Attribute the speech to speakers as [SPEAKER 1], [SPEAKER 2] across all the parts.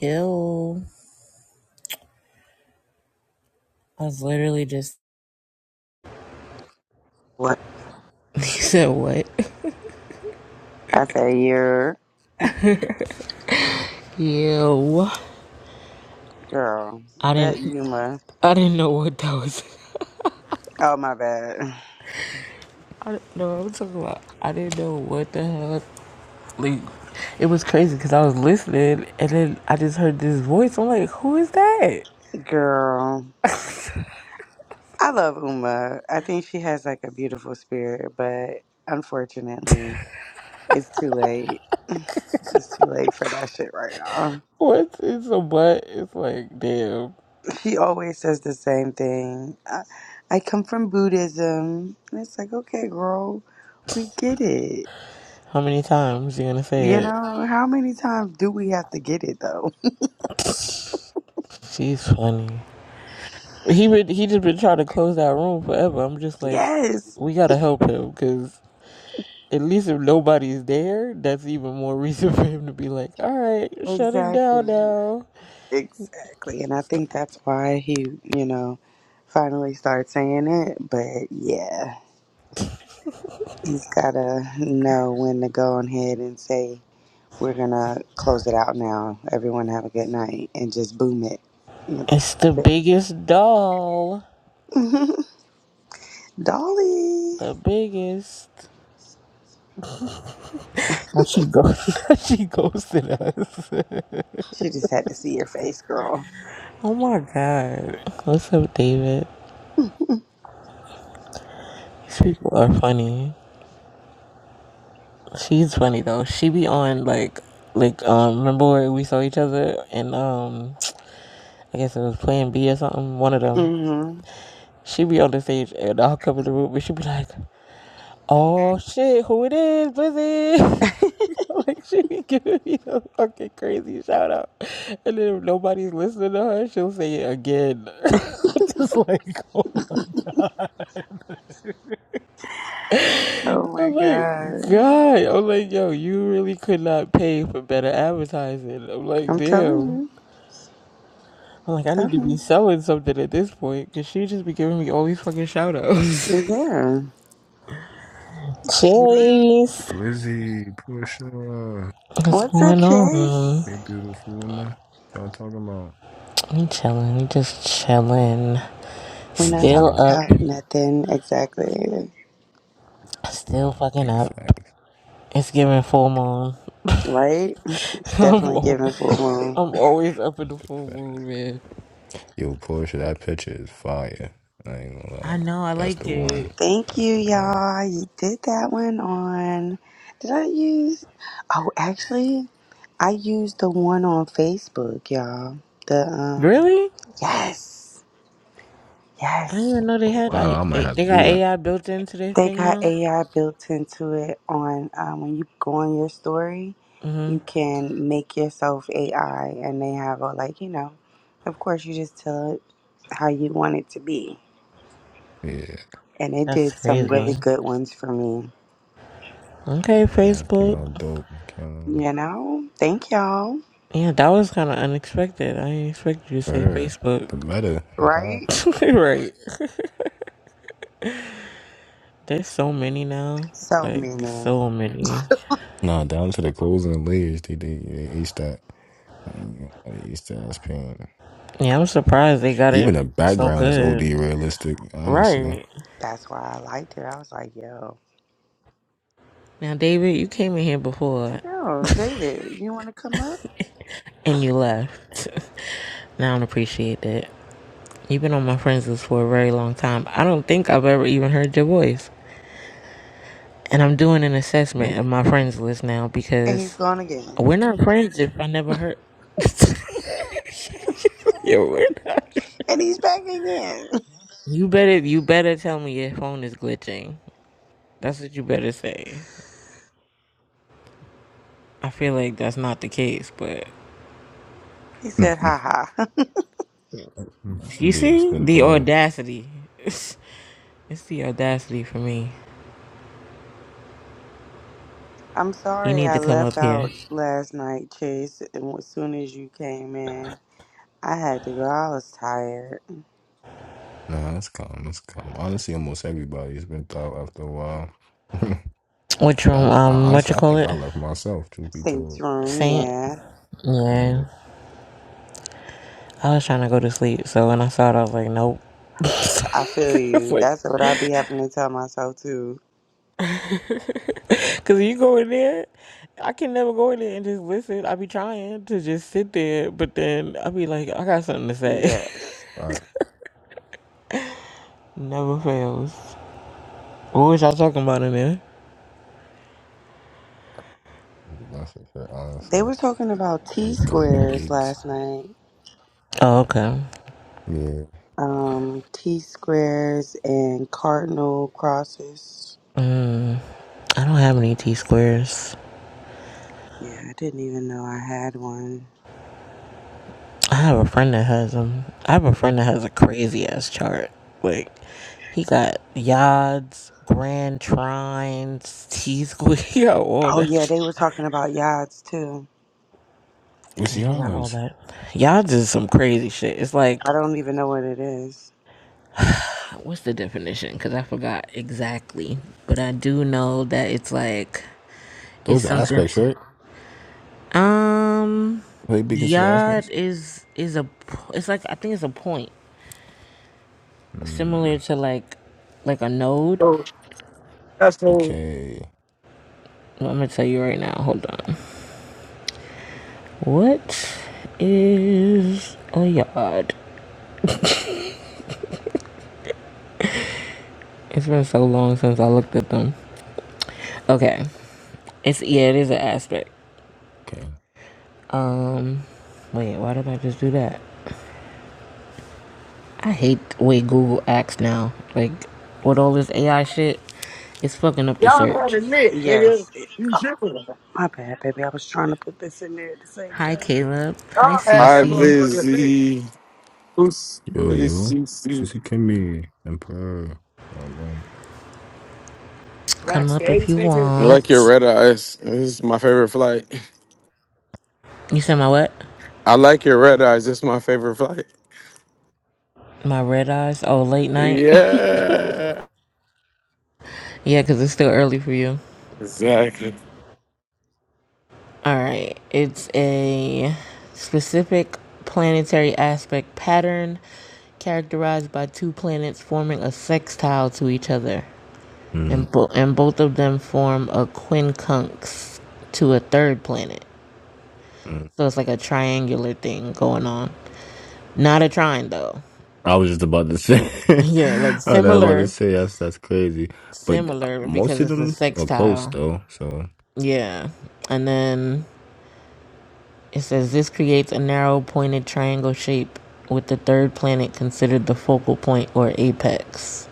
[SPEAKER 1] Ew. I was literally just
[SPEAKER 2] What?
[SPEAKER 1] he said what?
[SPEAKER 2] I said, you
[SPEAKER 1] Ew.
[SPEAKER 2] girl,
[SPEAKER 1] I
[SPEAKER 2] that
[SPEAKER 1] didn't
[SPEAKER 2] Uma.
[SPEAKER 1] I didn't know what that was.
[SPEAKER 2] Oh, my bad.
[SPEAKER 1] I didn't know what I'm talking about. I didn't know what the hell like it was crazy because I was listening and then I just heard this voice. I'm like, who is that?
[SPEAKER 2] Girl, I love Uma. I think she has like a beautiful spirit, but unfortunately, it's too late. It's too late for that shit right now.
[SPEAKER 1] What? It's a butt. It's like, damn.
[SPEAKER 2] She always says the same thing. I, I come from Buddhism. And it's like, okay, girl, we get it.
[SPEAKER 1] How many times you gonna
[SPEAKER 2] You
[SPEAKER 1] say
[SPEAKER 2] know, how many times do we have to get it though?
[SPEAKER 1] it? She's funny. He would. He just been trying to close that room forever. I'm just like,
[SPEAKER 2] Yes,
[SPEAKER 1] we gotta help him because At least if nobody's there, that's even more reason for him to be like, all right, shutting down
[SPEAKER 2] exactly.
[SPEAKER 1] now.
[SPEAKER 2] Exactly. And I
[SPEAKER 1] So
[SPEAKER 2] think that's why he, you know, finally started saying it. But yeah, he's got to know when to go on ahead and say, we're going to close it out now. Everyone have a good night and just boom it. That's
[SPEAKER 1] it's the biggest doll.
[SPEAKER 2] it. Dolly.
[SPEAKER 1] The biggest. How she goes. how she ghosted us.
[SPEAKER 2] She just had to see your face, girl.
[SPEAKER 1] oh my god. What's up, David? These people are funny. She's funny though. She be on like, like um. Remember where we saw each other and um. I guess it was Plan B or something. One of them.
[SPEAKER 2] hmm
[SPEAKER 1] She be on the stage and I'll cover the room, but she be like, Oh shit, who it is, Blizzy? like she be giving me the fucking crazy shout out. And then if nobody's listening to her, she'll say it again.
[SPEAKER 2] Oh my
[SPEAKER 1] I'm like,
[SPEAKER 2] God.
[SPEAKER 1] God. I'm like, yo, you really could not pay for better advertising. I'm like,
[SPEAKER 2] I'm telling
[SPEAKER 1] damn.
[SPEAKER 2] you.
[SPEAKER 1] I'm like, I need to be
[SPEAKER 2] Telling
[SPEAKER 1] selling something at this point because she just be giving me all these fucking shout outs.
[SPEAKER 2] you. Yeah.
[SPEAKER 1] Chase,
[SPEAKER 3] Lizzie, Pusha,
[SPEAKER 1] what's
[SPEAKER 2] What's up,
[SPEAKER 1] going on?
[SPEAKER 2] Chase?
[SPEAKER 3] hey, beautiful woman. Y'all talking about?
[SPEAKER 1] We chilling. We just chilling.
[SPEAKER 2] We're
[SPEAKER 3] He's
[SPEAKER 2] not
[SPEAKER 1] Still
[SPEAKER 2] talking
[SPEAKER 3] doing
[SPEAKER 1] up.
[SPEAKER 2] about nothing exactly.
[SPEAKER 3] uh,
[SPEAKER 1] Still fucking
[SPEAKER 3] big
[SPEAKER 1] up.
[SPEAKER 3] facts.
[SPEAKER 1] It's giving full moon.
[SPEAKER 2] Right? It's
[SPEAKER 1] I'm,
[SPEAKER 2] definitely
[SPEAKER 1] al-
[SPEAKER 2] giving full moon.
[SPEAKER 1] I'm always up in the
[SPEAKER 3] big
[SPEAKER 1] full moon,
[SPEAKER 3] facts.
[SPEAKER 1] man.
[SPEAKER 3] Yo, Pusha, that picture is fire. I ain't gonna lie.
[SPEAKER 1] I know, I
[SPEAKER 3] That's
[SPEAKER 1] like
[SPEAKER 3] the
[SPEAKER 1] it.
[SPEAKER 3] one.
[SPEAKER 2] Thank
[SPEAKER 3] That's
[SPEAKER 2] you,
[SPEAKER 3] the one.
[SPEAKER 2] y'all. You did that one on. Did I use? Oh, actually, I used the one on Facebook, y'all. The um,
[SPEAKER 1] Really?
[SPEAKER 2] yes,
[SPEAKER 1] I
[SPEAKER 2] yes.
[SPEAKER 1] didn't even know they
[SPEAKER 3] Oh,
[SPEAKER 1] had
[SPEAKER 3] wow,
[SPEAKER 1] like
[SPEAKER 3] I might
[SPEAKER 1] they,
[SPEAKER 3] have
[SPEAKER 1] they
[SPEAKER 3] to
[SPEAKER 1] got
[SPEAKER 3] do that.
[SPEAKER 1] AI built into their
[SPEAKER 2] They
[SPEAKER 1] thing
[SPEAKER 2] got
[SPEAKER 1] now.
[SPEAKER 2] AI built into it on um, when you go on your story, you
[SPEAKER 1] Mhm.
[SPEAKER 2] can make yourself AI, and they have a like you know, of course you just tell it how you want it to be,
[SPEAKER 3] Yeah,
[SPEAKER 2] and it
[SPEAKER 1] That's
[SPEAKER 2] did some really
[SPEAKER 1] crazy.
[SPEAKER 2] good ones for me.
[SPEAKER 1] Okay,
[SPEAKER 3] yeah, that came
[SPEAKER 1] Facebook.
[SPEAKER 3] out dope. I can't lie.
[SPEAKER 2] You know, thank y'all.
[SPEAKER 1] Yeah, that was kind of unexpected. I didn't expect you to say
[SPEAKER 3] Brr,
[SPEAKER 1] Facebook.
[SPEAKER 3] the meta. Haha.
[SPEAKER 2] Right?
[SPEAKER 1] right. There's so many now.
[SPEAKER 2] So
[SPEAKER 1] Like
[SPEAKER 2] many.
[SPEAKER 1] so many.
[SPEAKER 3] Nah, down to the closing layers, they, they, they aced that. Um, I used to ask pain.
[SPEAKER 1] Yeah, I'm surprised they got it
[SPEAKER 3] Even the
[SPEAKER 1] so
[SPEAKER 3] background is OD
[SPEAKER 1] good.
[SPEAKER 3] realistic, honestly.
[SPEAKER 1] Right.
[SPEAKER 2] That's why I liked it. I was like, yo,
[SPEAKER 1] Now, David, you came in here
[SPEAKER 2] I
[SPEAKER 1] before.
[SPEAKER 2] know, David, you want to come up?
[SPEAKER 1] and you left. Now I don't appreciate that. You've been on my friends list for a very long time. I don't think I've ever even heard your voice. And I'm doing an assessment of
[SPEAKER 3] Nope.
[SPEAKER 1] my friends list now
[SPEAKER 2] And he's
[SPEAKER 1] because
[SPEAKER 2] gone again.
[SPEAKER 1] we're not friends if I never heard. yeah, we're not.
[SPEAKER 2] And he's back again.
[SPEAKER 1] You better, you better tell me your phone is glitching. That's what you better say. I feel like that's not the case, but
[SPEAKER 2] He said, haha.
[SPEAKER 1] you
[SPEAKER 3] Dude's
[SPEAKER 1] see
[SPEAKER 3] been
[SPEAKER 1] the
[SPEAKER 3] thawed.
[SPEAKER 1] audacity. It's, it's the audacity for me.
[SPEAKER 2] I'm
[SPEAKER 1] You
[SPEAKER 2] sorry
[SPEAKER 1] need
[SPEAKER 2] I
[SPEAKER 1] to come
[SPEAKER 2] left
[SPEAKER 1] up here.
[SPEAKER 2] out last night, Chase. And as soon as you came in, I had to go. I was tired.
[SPEAKER 3] Nah, that's calm. That's calm. Honestly, almost everybody has been thawed after a while.
[SPEAKER 1] Which room?
[SPEAKER 3] I, I,
[SPEAKER 1] Um, what
[SPEAKER 3] honestly,
[SPEAKER 1] you
[SPEAKER 3] I
[SPEAKER 1] call
[SPEAKER 3] think
[SPEAKER 1] it?
[SPEAKER 3] I left myself, truth be
[SPEAKER 2] Saints
[SPEAKER 3] told.
[SPEAKER 2] room,
[SPEAKER 1] Saint?
[SPEAKER 2] yeah.
[SPEAKER 3] Yeah.
[SPEAKER 1] Yeah. I was trying to go to sleep, so when I saw it, I was like, nope.
[SPEAKER 2] I feel
[SPEAKER 1] It's
[SPEAKER 2] you.
[SPEAKER 1] like,
[SPEAKER 2] That's what I be having to tell myself, too.
[SPEAKER 1] cause you go in there, I can never go in there and just listen. I be trying to just sit there, but then I be like, I got something to say.
[SPEAKER 2] Yes.
[SPEAKER 3] I,
[SPEAKER 1] never fails. What was y'all talking about in there?
[SPEAKER 3] that's it, for-
[SPEAKER 2] They
[SPEAKER 3] honestly.
[SPEAKER 2] were talking about
[SPEAKER 3] There
[SPEAKER 2] T
[SPEAKER 3] was a couple
[SPEAKER 2] squares
[SPEAKER 3] debates.
[SPEAKER 2] last night.
[SPEAKER 1] Oh, okay.
[SPEAKER 3] Yeah.
[SPEAKER 2] Um, T squares and cardinal crosses.
[SPEAKER 1] Mm, I don't have any T squares.
[SPEAKER 2] Yeah, I didn't even know I had one.
[SPEAKER 1] I have a friend that has them. I have a friend that has a crazy ass chart. Like, he got yods, grand trines, T square, he got all
[SPEAKER 2] Oh
[SPEAKER 1] that
[SPEAKER 2] yeah, they
[SPEAKER 1] shit.
[SPEAKER 2] were talking about yachts too.
[SPEAKER 3] Well,
[SPEAKER 1] And
[SPEAKER 3] see,
[SPEAKER 1] he got all
[SPEAKER 3] ours.
[SPEAKER 1] that. Yods is some crazy shit. It's like,
[SPEAKER 2] I don't even know what it is.
[SPEAKER 1] what's the definition? Because I forgot exactly. But I do know that it's like, it's
[SPEAKER 3] Those are
[SPEAKER 1] something.
[SPEAKER 3] aspects, right?
[SPEAKER 1] Um,
[SPEAKER 3] They be considered aspects?
[SPEAKER 1] yod is is a. p- It's like I think it's a point similar
[SPEAKER 3] Mm.
[SPEAKER 1] to like, like a node.
[SPEAKER 4] So that's so
[SPEAKER 3] Okay.
[SPEAKER 1] Well, I'm gonna tell you right now. Hold on. What is a yard? It's been so long since I looked at them. Okay. It's yeah, it is an aspect.
[SPEAKER 3] Okay.
[SPEAKER 1] Um, wait, why did I just do that? I hate the way Google acts now. Like with all this AI shit, it's fucking up the
[SPEAKER 4] y'all had
[SPEAKER 1] search.
[SPEAKER 4] a nick, nigga.
[SPEAKER 2] Yes, it,
[SPEAKER 4] You tripping. Y'all
[SPEAKER 2] my bad, baby. I was trying to put this in there at the same
[SPEAKER 1] Hi,
[SPEAKER 2] time.
[SPEAKER 1] Caleb. Hi,
[SPEAKER 4] had Hi, that
[SPEAKER 1] Cece.
[SPEAKER 4] motherfucker nick. Blizzy. Who's
[SPEAKER 3] Yo, yo.
[SPEAKER 4] ACC?
[SPEAKER 3] Sissy Kimmy. Emperor. Well done.
[SPEAKER 1] Come up
[SPEAKER 4] Backstage,
[SPEAKER 1] if you
[SPEAKER 4] nigga. I like your
[SPEAKER 1] want.
[SPEAKER 4] red eyes. This is my favorite flight.
[SPEAKER 1] You said my what?
[SPEAKER 4] I like your red eyes. This is my favorite flight.
[SPEAKER 1] My red eyes? Oh, late night?
[SPEAKER 4] Yeah.
[SPEAKER 1] yeah, because it's still early for you.
[SPEAKER 4] Exactly.
[SPEAKER 1] All right. It's a specific planetary aspect pattern characterized by two planets forming a sextile to each other. And, bo- and both of them form a quincunx to a third planet.
[SPEAKER 3] Mm.
[SPEAKER 1] So it's like a triangular thing going on. Not a trine, though.
[SPEAKER 3] I was just about to say.
[SPEAKER 1] Yeah, like
[SPEAKER 3] I was about to
[SPEAKER 1] similar,
[SPEAKER 3] say that's that's crazy, but
[SPEAKER 1] similar
[SPEAKER 3] most
[SPEAKER 1] because
[SPEAKER 3] of
[SPEAKER 1] it's a
[SPEAKER 3] them are close
[SPEAKER 1] sextile.
[SPEAKER 3] though, so
[SPEAKER 1] Yeah. And then It says this creates a narrow pointed triangle shape with the third planet considered the focal point or apex.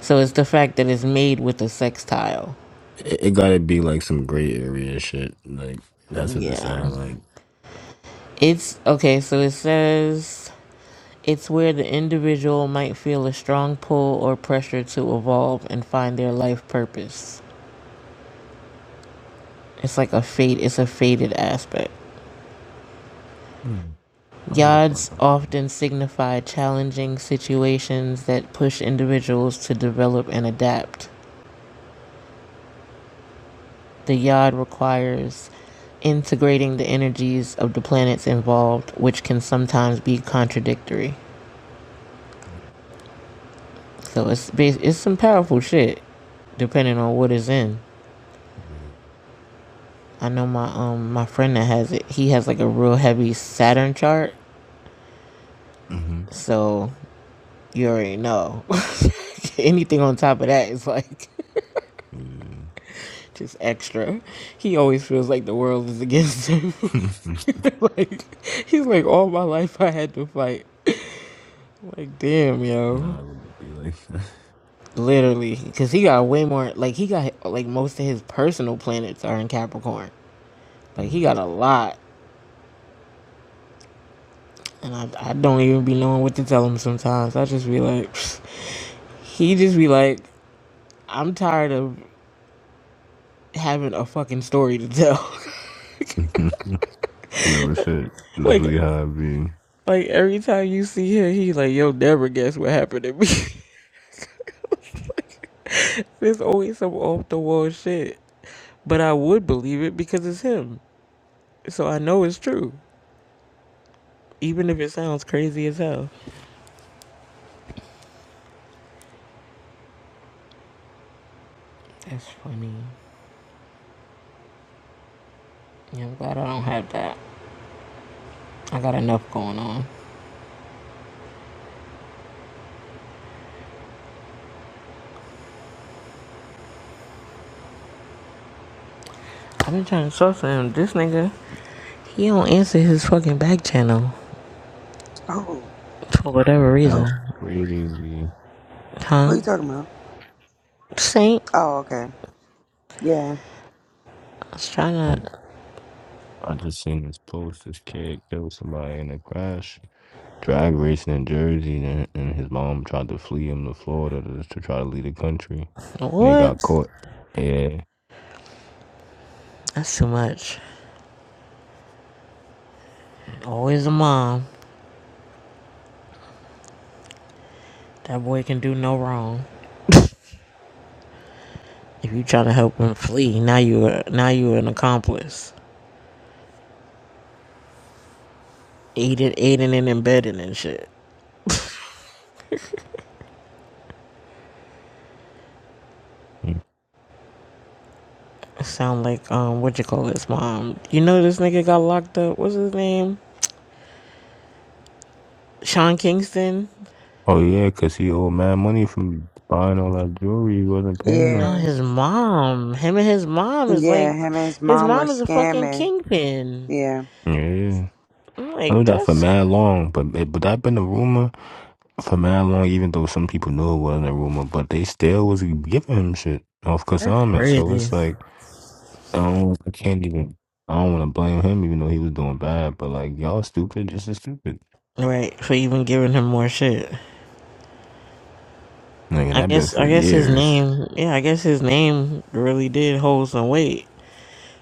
[SPEAKER 1] So it's the fact that it's made with a sextile.
[SPEAKER 3] it, it gotta be like some gray area shit. Like that's what it
[SPEAKER 1] Yeah.
[SPEAKER 3] sound like.
[SPEAKER 1] It's okay, so it says it's where the individual might feel a strong pull or pressure to evolve and find their life purpose. It's like a fate, it's a fated aspect.
[SPEAKER 3] Mm. I don't really talk
[SPEAKER 1] Yods
[SPEAKER 3] about that.
[SPEAKER 1] often signify challenging situations that push individuals to develop and adapt. The yod requires integrating the energies of the planets involved, which can sometimes be contradictory. So it's bas- it's some powerful shit, depending on what is in.
[SPEAKER 3] Mm.
[SPEAKER 1] I know my um my friend that has it. He has like a real heavy Saturn chart, so you already know. Anything on top of that is like
[SPEAKER 3] Yeah. hmm Yeah.
[SPEAKER 1] just extra. He always feels like the world is against him. like he's like all my life I had to fight. I'm Like damn, yo.
[SPEAKER 3] no, it would be like that.
[SPEAKER 1] Literally, because he got way more. Like he got like most of his personal planets are in Capricorn. Like he
[SPEAKER 3] Mm.
[SPEAKER 1] got a lot, and I, I don't even be knowing what to tell him sometimes. I just be like, he just be like, I'm tired of having a fucking story to tell.
[SPEAKER 3] real shit.
[SPEAKER 1] like
[SPEAKER 3] Literally how it be.
[SPEAKER 1] like every time you see him, he like, yo, never guess what happened to me. There's always some off the wall shit, but I would believe it because it's him. So I know it's true, even if it sounds crazy as hell. That's funny. Yeah, I'm glad I don't have that. I got enough going on. I've been trying to talk to him. This nigga, he don't answer his fucking back channel
[SPEAKER 2] Oh,
[SPEAKER 1] for whatever
[SPEAKER 3] That's
[SPEAKER 2] oh,
[SPEAKER 1] reason.
[SPEAKER 3] crazy.
[SPEAKER 2] what are
[SPEAKER 1] Huh?
[SPEAKER 2] you talking about?
[SPEAKER 1] Saint,
[SPEAKER 2] Oh, okay. Yeah,
[SPEAKER 1] I was trying
[SPEAKER 3] I
[SPEAKER 1] to.
[SPEAKER 3] I just seen this post. This kid killed somebody in a crash. drag racing in Jersey, and, and his mom tried to flee him to Florida to, to try to leave the country, and they got
[SPEAKER 1] What?
[SPEAKER 3] caught. Yeah.
[SPEAKER 1] That's too much. Always a mom. That boy can do no wrong. If you try to help him flee, now you are now you an accomplice. Aiding, aiding and embedding and shit. Sound like um, what you call his mom? You know this nigga got locked up. What's his name? Sean Kingston.
[SPEAKER 3] Oh yeah, cause he owed mad money from buying all that jewelry. He wasn't paying
[SPEAKER 1] No,
[SPEAKER 3] them.
[SPEAKER 2] yeah,
[SPEAKER 1] his mom. Him and his mom is
[SPEAKER 2] yeah.
[SPEAKER 1] like,
[SPEAKER 2] Him and his
[SPEAKER 1] his
[SPEAKER 2] mom were
[SPEAKER 1] mom is a fucking
[SPEAKER 2] scamming.
[SPEAKER 1] kingpin.
[SPEAKER 2] Yeah,
[SPEAKER 3] Yeah,
[SPEAKER 1] I'm
[SPEAKER 3] I knew
[SPEAKER 1] like,
[SPEAKER 3] that for
[SPEAKER 1] that's
[SPEAKER 3] mad long, but but that been a rumor for mad long. Even though some people knew it wasn't a rumor, but they still was giving him shit off consignment. So
[SPEAKER 1] crazy,
[SPEAKER 3] it's like I don't, I can't even. I don't want to blame him, even though he was doing bad. But like y'all stupid, just as stupid.
[SPEAKER 1] right? For even giving him more shit.
[SPEAKER 3] Like and
[SPEAKER 1] I
[SPEAKER 3] I've been
[SPEAKER 1] guess,
[SPEAKER 3] for
[SPEAKER 1] I guess his
[SPEAKER 3] years.
[SPEAKER 1] name, yeah, I guess his name really did hold some weight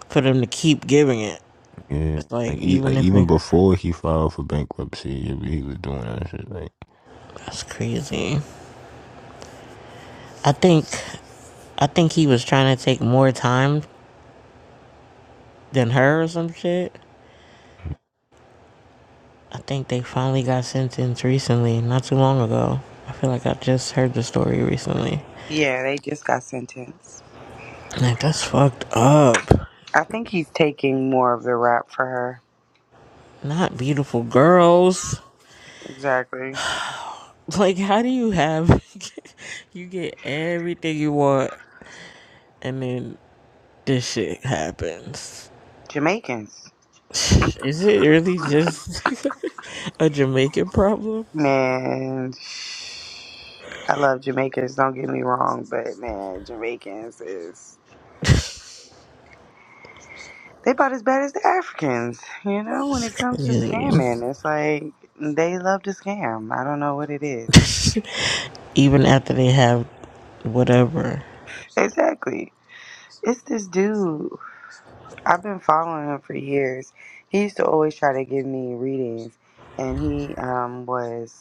[SPEAKER 1] for them to keep giving it.
[SPEAKER 3] Yeah,
[SPEAKER 1] It's like
[SPEAKER 3] like, e- like
[SPEAKER 1] even if
[SPEAKER 3] even
[SPEAKER 1] we,
[SPEAKER 3] before he filed for bankruptcy, he he was doing that shit. Like,
[SPEAKER 1] that's crazy. I think, I think he was trying to take more time than her or some shit. I think they finally got sentenced recently, not too long ago. I feel like I just heard the story recently.
[SPEAKER 2] yeah. They just got sentenced.
[SPEAKER 1] Like, that's fucked up.
[SPEAKER 2] I think he's taking more of the rap for her.
[SPEAKER 1] Not beautiful girls.
[SPEAKER 2] Exactly.
[SPEAKER 1] Like, how do you have. you get everything you want, and then this shit happens.
[SPEAKER 2] Jamaicans.
[SPEAKER 1] Is it really just a Jamaican problem?
[SPEAKER 2] Man, I love Jamaicans, don't get me wrong, but man, Jamaicans is. They about as bad as the Africans, you know, when it comes to
[SPEAKER 1] Really?
[SPEAKER 2] scamming. It's like they love to scam. I don't know what it is.
[SPEAKER 1] Even after they have whatever.
[SPEAKER 2] Exactly. It's this dude. I've been following him for years. He used to always try to give me readings, and he um, was.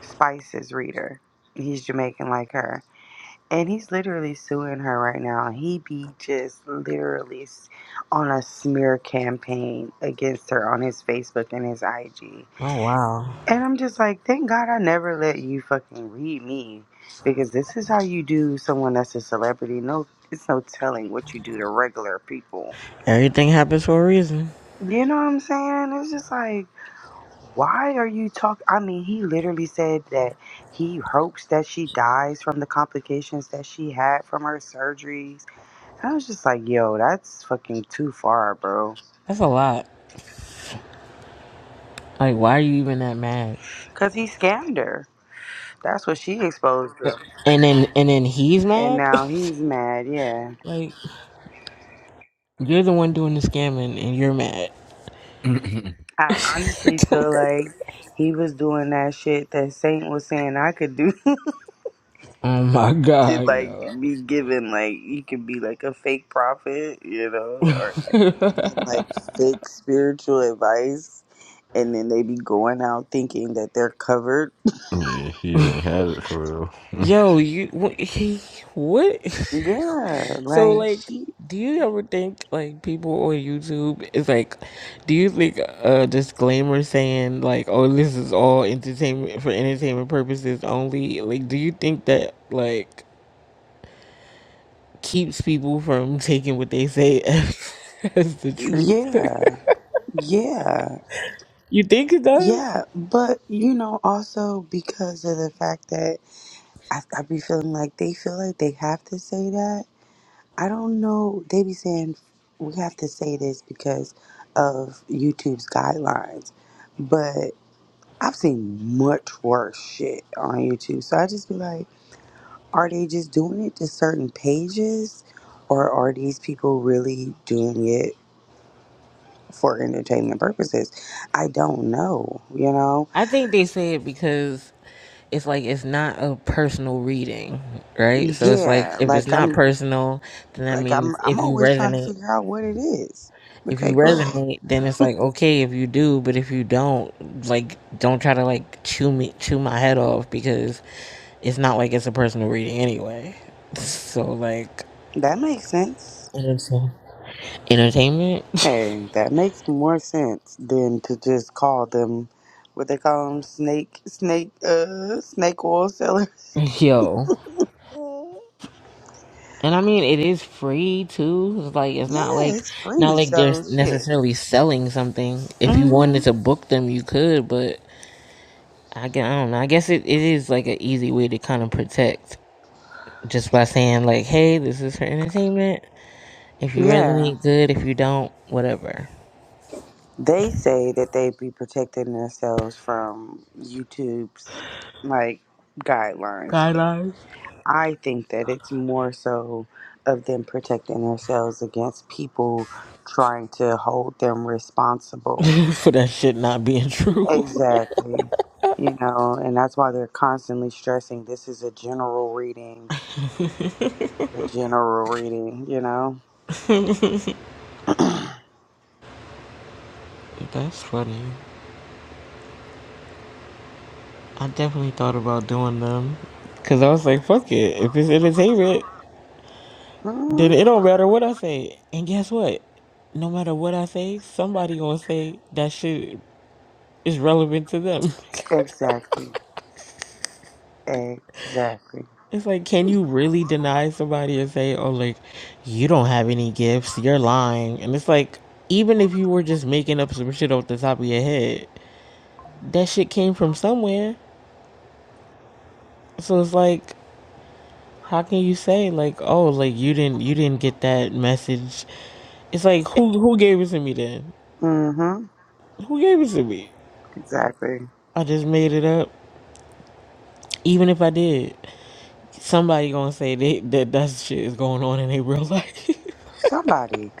[SPEAKER 2] Spice's reader. He's Jamaican like her. And he's literally suing her right now. He be just literally s- on a smear campaign against her on his Facebook and his IG.
[SPEAKER 1] Oh, wow.
[SPEAKER 2] And I'm just like, thank God I never let you fucking read me because this is how you do someone that's a celebrity. No, it's no telling what you do to regular people.
[SPEAKER 1] Everything happens for a reason.
[SPEAKER 2] You know what I'm saying? It's just like, Why are you talking? I mean, he literally said that he hopes that she dies from the complications that she had from her surgeries. I was just like, yo, that's fucking too far, bro.
[SPEAKER 1] That's a lot. Like, why are you even that mad?
[SPEAKER 2] Because he scammed her. That's what she exposed him.
[SPEAKER 1] And then, and then he's
[SPEAKER 2] And
[SPEAKER 1] mad.
[SPEAKER 2] now he's mad, yeah.
[SPEAKER 1] like, you're the one doing the scamming, and you're mad.
[SPEAKER 2] I honestly feel like he was doing that shit that Saint was saying I could do
[SPEAKER 1] oh my
[SPEAKER 2] It
[SPEAKER 1] god,
[SPEAKER 2] like
[SPEAKER 1] yo,
[SPEAKER 2] be given like you could be like a fake prophet, you know, or like give them like fake spiritual advice, and then they be going out thinking that they're covered.
[SPEAKER 3] yeah, he didn't have it for real.
[SPEAKER 1] yo, you, what, he, what?
[SPEAKER 2] Yeah,
[SPEAKER 1] so,
[SPEAKER 2] like
[SPEAKER 1] like,
[SPEAKER 2] she.
[SPEAKER 1] do you ever think like people on YouTube is like, do you think a disclaimer saying like, oh, this is all entertainment for entertainment purposes only? Like, do you think that like? keeps people from taking what they say as, as the truth.
[SPEAKER 2] Yeah, yeah,
[SPEAKER 1] you think it does?
[SPEAKER 2] yeah. But you know, also because of the fact that I, I be feeling like they feel like they have to say that. I don't know. They be saying we have to say this because of YouTube's guidelines, but I've seen much worse shit on YouTube. So I just be like, are they just doing it to certain pages, or are these people really doing it for entertainment purposes? I don't know. You know?
[SPEAKER 1] I think they say it because it's like it's not a personal reading, right? So it's like
[SPEAKER 2] Yeah.
[SPEAKER 1] if it's
[SPEAKER 2] Like
[SPEAKER 1] not
[SPEAKER 2] I'm.
[SPEAKER 1] personal, then that
[SPEAKER 2] Like
[SPEAKER 1] means
[SPEAKER 2] I'm. I'm
[SPEAKER 1] if you
[SPEAKER 2] always trying to
[SPEAKER 1] resonate,
[SPEAKER 2] figure out what it is.
[SPEAKER 1] if
[SPEAKER 2] Okay.
[SPEAKER 1] you
[SPEAKER 2] Go ahead.
[SPEAKER 1] resonate, then it's like okay if you do, but if you don't, like don't try to like chew me chew my head off because it's not like it's a personal reading anyway. So like
[SPEAKER 2] That makes sense.
[SPEAKER 1] entertain- entertainment,
[SPEAKER 2] Hey, that makes more sense than to just call them what they call them snake snake uh snake oil sellers.
[SPEAKER 1] yo. And I mean, it is free too. It's like it's not
[SPEAKER 2] Yeah,
[SPEAKER 1] like
[SPEAKER 2] it's
[SPEAKER 1] not
[SPEAKER 2] free,
[SPEAKER 1] like they're
[SPEAKER 2] so shit.
[SPEAKER 1] necessarily selling something. If you
[SPEAKER 2] hmm
[SPEAKER 1] wanted to book them, you could, but I, gue- I don't know. I guess it, it is like an easy way to kind of protect just by saying like, "Hey, this is for entertainment. If you
[SPEAKER 2] Yeah,
[SPEAKER 1] resonate, good. If you don't, whatever."
[SPEAKER 2] they say that they be protecting themselves from YouTube's like guidelines, but
[SPEAKER 1] Guidelines
[SPEAKER 2] I think that it's more so of them protecting themselves against people trying to hold them responsible
[SPEAKER 1] for that shit not being true.
[SPEAKER 2] Exactly. You know, and that's why they're constantly stressing this is a general reading, a general reading, you know?
[SPEAKER 1] That's funny. I definitely thought about doing them because I was like, "Fuck it. If it's entertainment,
[SPEAKER 2] hmm
[SPEAKER 1] Then it don't matter what I say. And guess what? No matter what I say, somebody gonna say that shit is relevant to them.
[SPEAKER 2] Exactly. Exactly.
[SPEAKER 1] it's like, can you really deny somebody and say, oh, like, you don't have any gifts, you're lying? And it's like, even if you were just making up some shit off the top of your head, that shit came from somewhere. So it's like, how can you say like, oh, like you didn't you didn't get that message? It's like who who gave it to me then?
[SPEAKER 2] hmm
[SPEAKER 1] Who gave it to me?
[SPEAKER 2] Exactly.
[SPEAKER 1] I just made it up. Even if I did, somebody gonna say that that, that shit is going on in their real life.
[SPEAKER 2] Somebody.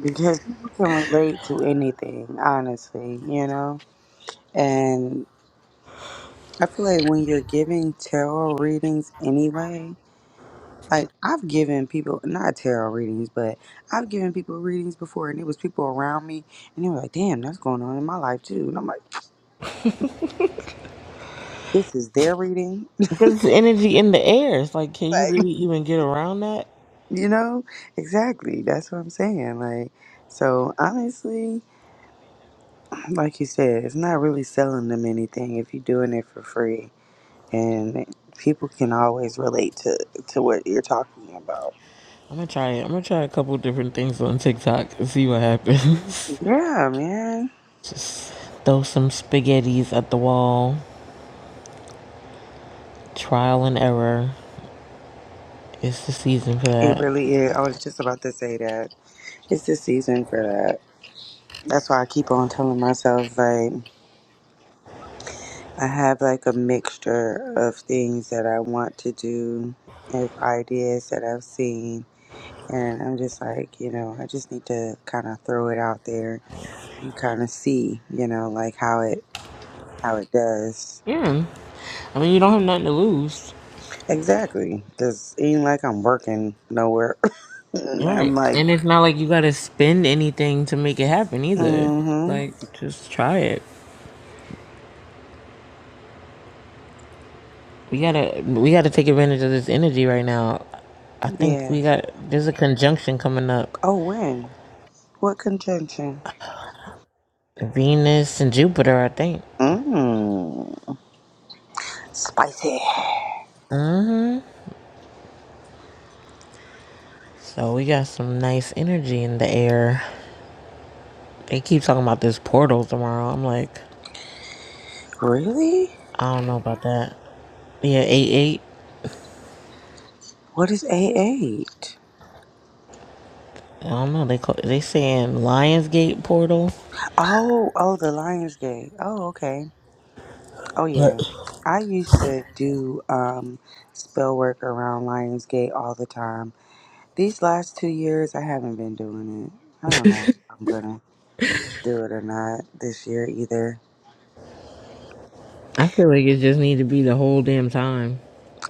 [SPEAKER 2] Because people can relate to anything, honestly, you know? And I feel like when you're giving tarot readings anyway, like I've given people not tarot readings, but I've given people readings before, and it was people around me, and they were like, "Damn, that's going on in my life too." And I'm like, "This is their reading,
[SPEAKER 1] because it's energy in the air. It's like, can you
[SPEAKER 2] like
[SPEAKER 1] really even get around that?
[SPEAKER 2] you know exactly." That's what I'm saying. Like, so honestly, like you said, it's not really selling them anything if you're doing it for free, and people can always relate to to what you're talking about.
[SPEAKER 1] I'm gonna try it. I'm gonna try a couple different things on TikTok and see what happens.
[SPEAKER 2] Yeah, man,
[SPEAKER 1] Just throw some spaghettis at the wall. Trial and error. It's the season for
[SPEAKER 2] it
[SPEAKER 1] that.
[SPEAKER 2] really is. I was just about to say that it's the season for that. That's why I keep on telling myself like I have like a mixture of things that I want to do and ideas that I've seen and I'm just like, you know, I just need to kind of throw it out there and kind of see, you know, like how it how it does.
[SPEAKER 1] Yeah. I mean, you don't have nothing to lose.
[SPEAKER 2] Exactly, cuz it ain't like I'm working nowhere. I'm
[SPEAKER 1] Right.
[SPEAKER 2] like,
[SPEAKER 1] And it's not like you gotta spend anything to make it happen
[SPEAKER 2] mm
[SPEAKER 1] either.
[SPEAKER 2] mhm.
[SPEAKER 1] Like, just try it. We gotta we gotta take advantage of this energy right now. I think we
[SPEAKER 2] Yes.
[SPEAKER 1] got there's a conjunction coming up.
[SPEAKER 2] Oh, when? What conjunction?
[SPEAKER 1] Venus and Jupiter, I think.
[SPEAKER 2] Mmm. Spicy.
[SPEAKER 1] So we got some nice energy in the air. They keep talking about this portal tomorrow. I'm like,
[SPEAKER 2] Really?
[SPEAKER 1] I don't know about that. Yeah, eight eight.
[SPEAKER 2] What is A8?
[SPEAKER 1] I don't know. They call, they saying Lionsgate portal.
[SPEAKER 2] Oh, oh, the Lionsgate. Oh, okay. Oh,
[SPEAKER 1] But
[SPEAKER 2] yeah. I used to do um, spell work around Lionsgate all the time. These last two years, I haven't been doing it. I don't know if I'm going to do it or not this year either.
[SPEAKER 1] I feel like it just need to be the whole damn time.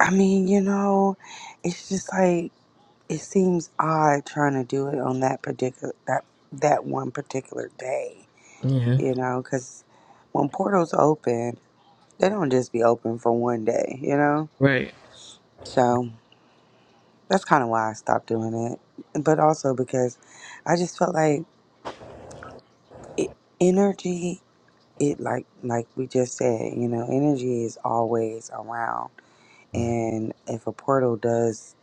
[SPEAKER 2] I mean, you know, it's just like it seems odd trying to do it on that particular that that one particular day,
[SPEAKER 1] Yeah.
[SPEAKER 2] you know, cuz when portals open they don't just be open for one day, you know?
[SPEAKER 1] Right.
[SPEAKER 2] So that's kind of why I stopped doing it. But also because I just felt like it, energy, it like, like we just said, you know, energy is always around. And if a portal does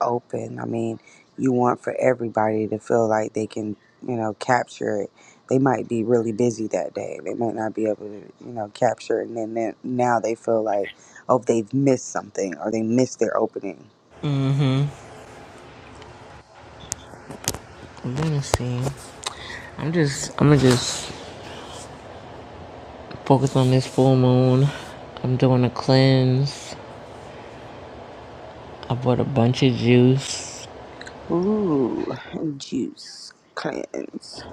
[SPEAKER 2] open, I mean, you want for everybody to feel like they can, you know, capture it. They might be really busy that day. They might not be able to, you know, capture it. And then then- now they feel like, oh, they've missed something or they missed their opening
[SPEAKER 1] I'm gonna see. I'm just. I'm gonna just Focus on this full moon. I'm doing a cleanse. I bought a bunch of juice.
[SPEAKER 2] Ooh, juice cleanse.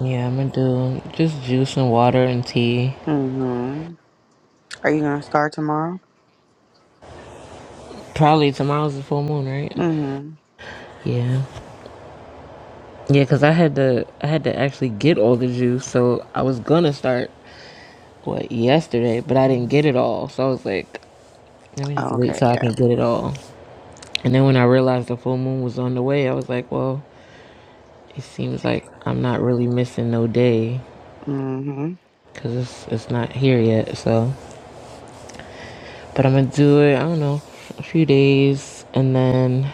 [SPEAKER 1] Yeah, I'm gonna do just juice and water and tea.
[SPEAKER 2] Mm-hmm. Are you gonna start tomorrow?
[SPEAKER 1] Probably tomorrow's the full moon, right?
[SPEAKER 2] Mm-hmm.
[SPEAKER 1] Yeah. Yeah, 'cause I had to I had to actually get all the juice, so I was gonna start what yesterday, but I didn't get it all. So I was like, let me
[SPEAKER 2] Oh,
[SPEAKER 1] just wait
[SPEAKER 2] okay,
[SPEAKER 1] till I
[SPEAKER 2] yeah.
[SPEAKER 1] can get it all. And then when I realized the full moon was on the way, I was like, well, it seems like I'm not really missing no day
[SPEAKER 2] Mm-hmm.
[SPEAKER 1] because it's, it's not here yet. So But I'm gonna do it, I don't know, a few days and then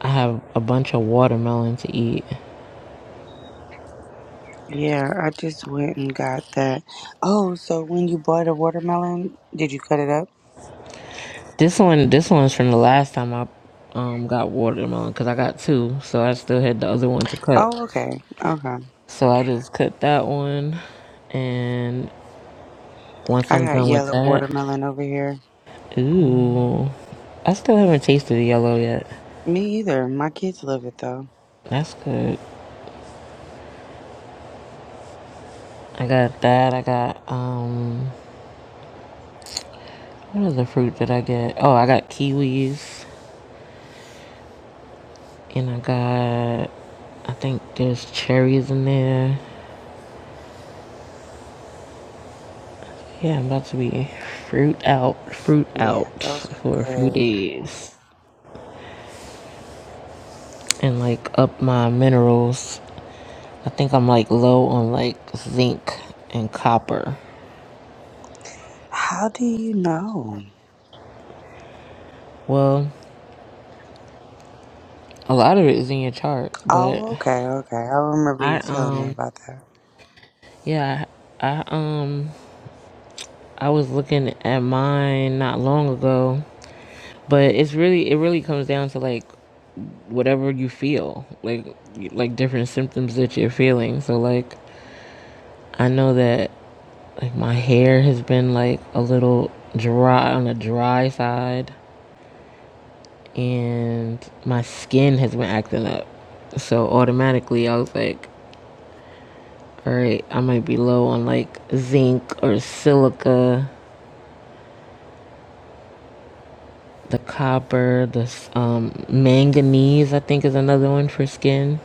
[SPEAKER 1] I have a bunch of watermelon to eat.
[SPEAKER 2] Yeah, I just went and got that. Oh, so when you bought a watermelon, did you cut it up?
[SPEAKER 1] This one this one's from the last time I um got watermelon because I got two, so I still had the other one to cut.
[SPEAKER 2] Oh, okay. Okay.
[SPEAKER 1] So I just cut that one and once
[SPEAKER 2] I
[SPEAKER 1] I'm
[SPEAKER 2] got
[SPEAKER 1] done with
[SPEAKER 2] yellow
[SPEAKER 1] that,
[SPEAKER 2] watermelon over here.
[SPEAKER 1] ooh. I still haven't tasted the yellow yet.
[SPEAKER 2] Me either. My kids love it though.
[SPEAKER 1] That's good. I got that. I got um what other fruit did I get? Oh, I got kiwis. And I got, I think there's cherries in there. Yeah, I'm about to be fruit out, fruit
[SPEAKER 2] Yeah,
[SPEAKER 1] out
[SPEAKER 2] those are
[SPEAKER 1] for a few
[SPEAKER 2] good.
[SPEAKER 1] days. And like up my minerals. I think I'm like low on like zinc and copper.
[SPEAKER 2] How do you know?
[SPEAKER 1] Well, a lot of it is in your chart, but
[SPEAKER 2] Oh, okay, okay. I remember you
[SPEAKER 1] I,
[SPEAKER 2] telling me
[SPEAKER 1] um,
[SPEAKER 2] about that.
[SPEAKER 1] yeah, I, um, I was looking at mine not long ago, but it's really, it really comes down to like whatever you feel, like like different symptoms that you're feeling. So like I know that like my hair has been like a little dry on the dry side and my skin has been acting up. So automatically I was like, all right, I might be low on like zinc or silica, the copper, the um, manganese, I think is another one for skin.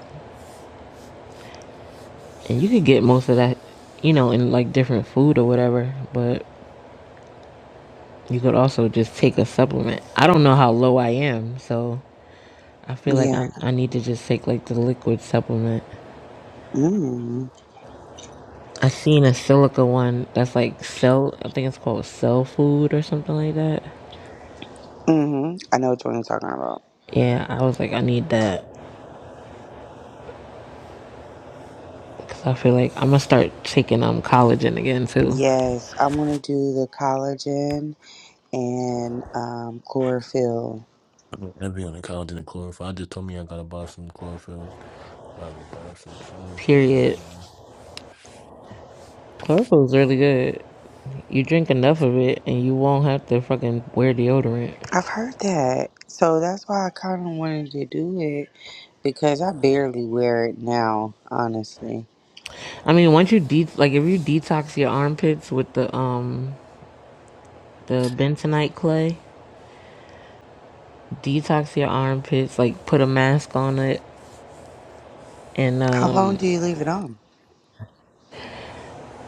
[SPEAKER 1] And you could get most of that, you know, in like different food or whatever. But You could also just take a supplement. I don't know how low I am, so I feel like
[SPEAKER 2] Yeah.
[SPEAKER 1] I I need to just take like the liquid supplement.
[SPEAKER 2] Mm-hmm.
[SPEAKER 1] I seen a silica one that's like cell. I think it's called cell food or something like that.
[SPEAKER 2] hmm I know which one you're talking about.
[SPEAKER 1] Yeah, I was like, I need that because I feel like I'm gonna start taking um collagen again too.
[SPEAKER 2] Yes, I want to do the collagen and um, chlorophyll.
[SPEAKER 3] I'd be on the couch in the chlorophyll. I just told me I gotta buy some chlorophyll. Gotta grab some soon.
[SPEAKER 1] Period. Chloroform's really good. You drink enough of it, and you won't have to fucking wear deodorant.
[SPEAKER 2] I've heard that. So that's why I kind of wanted to do it because I barely wear it now, honestly.
[SPEAKER 1] I mean, once you de like if you detox your armpits with the um the bentonite clay, detox your armpits, like put a mask on it, and
[SPEAKER 2] How long
[SPEAKER 1] um,
[SPEAKER 2] do you leave it on?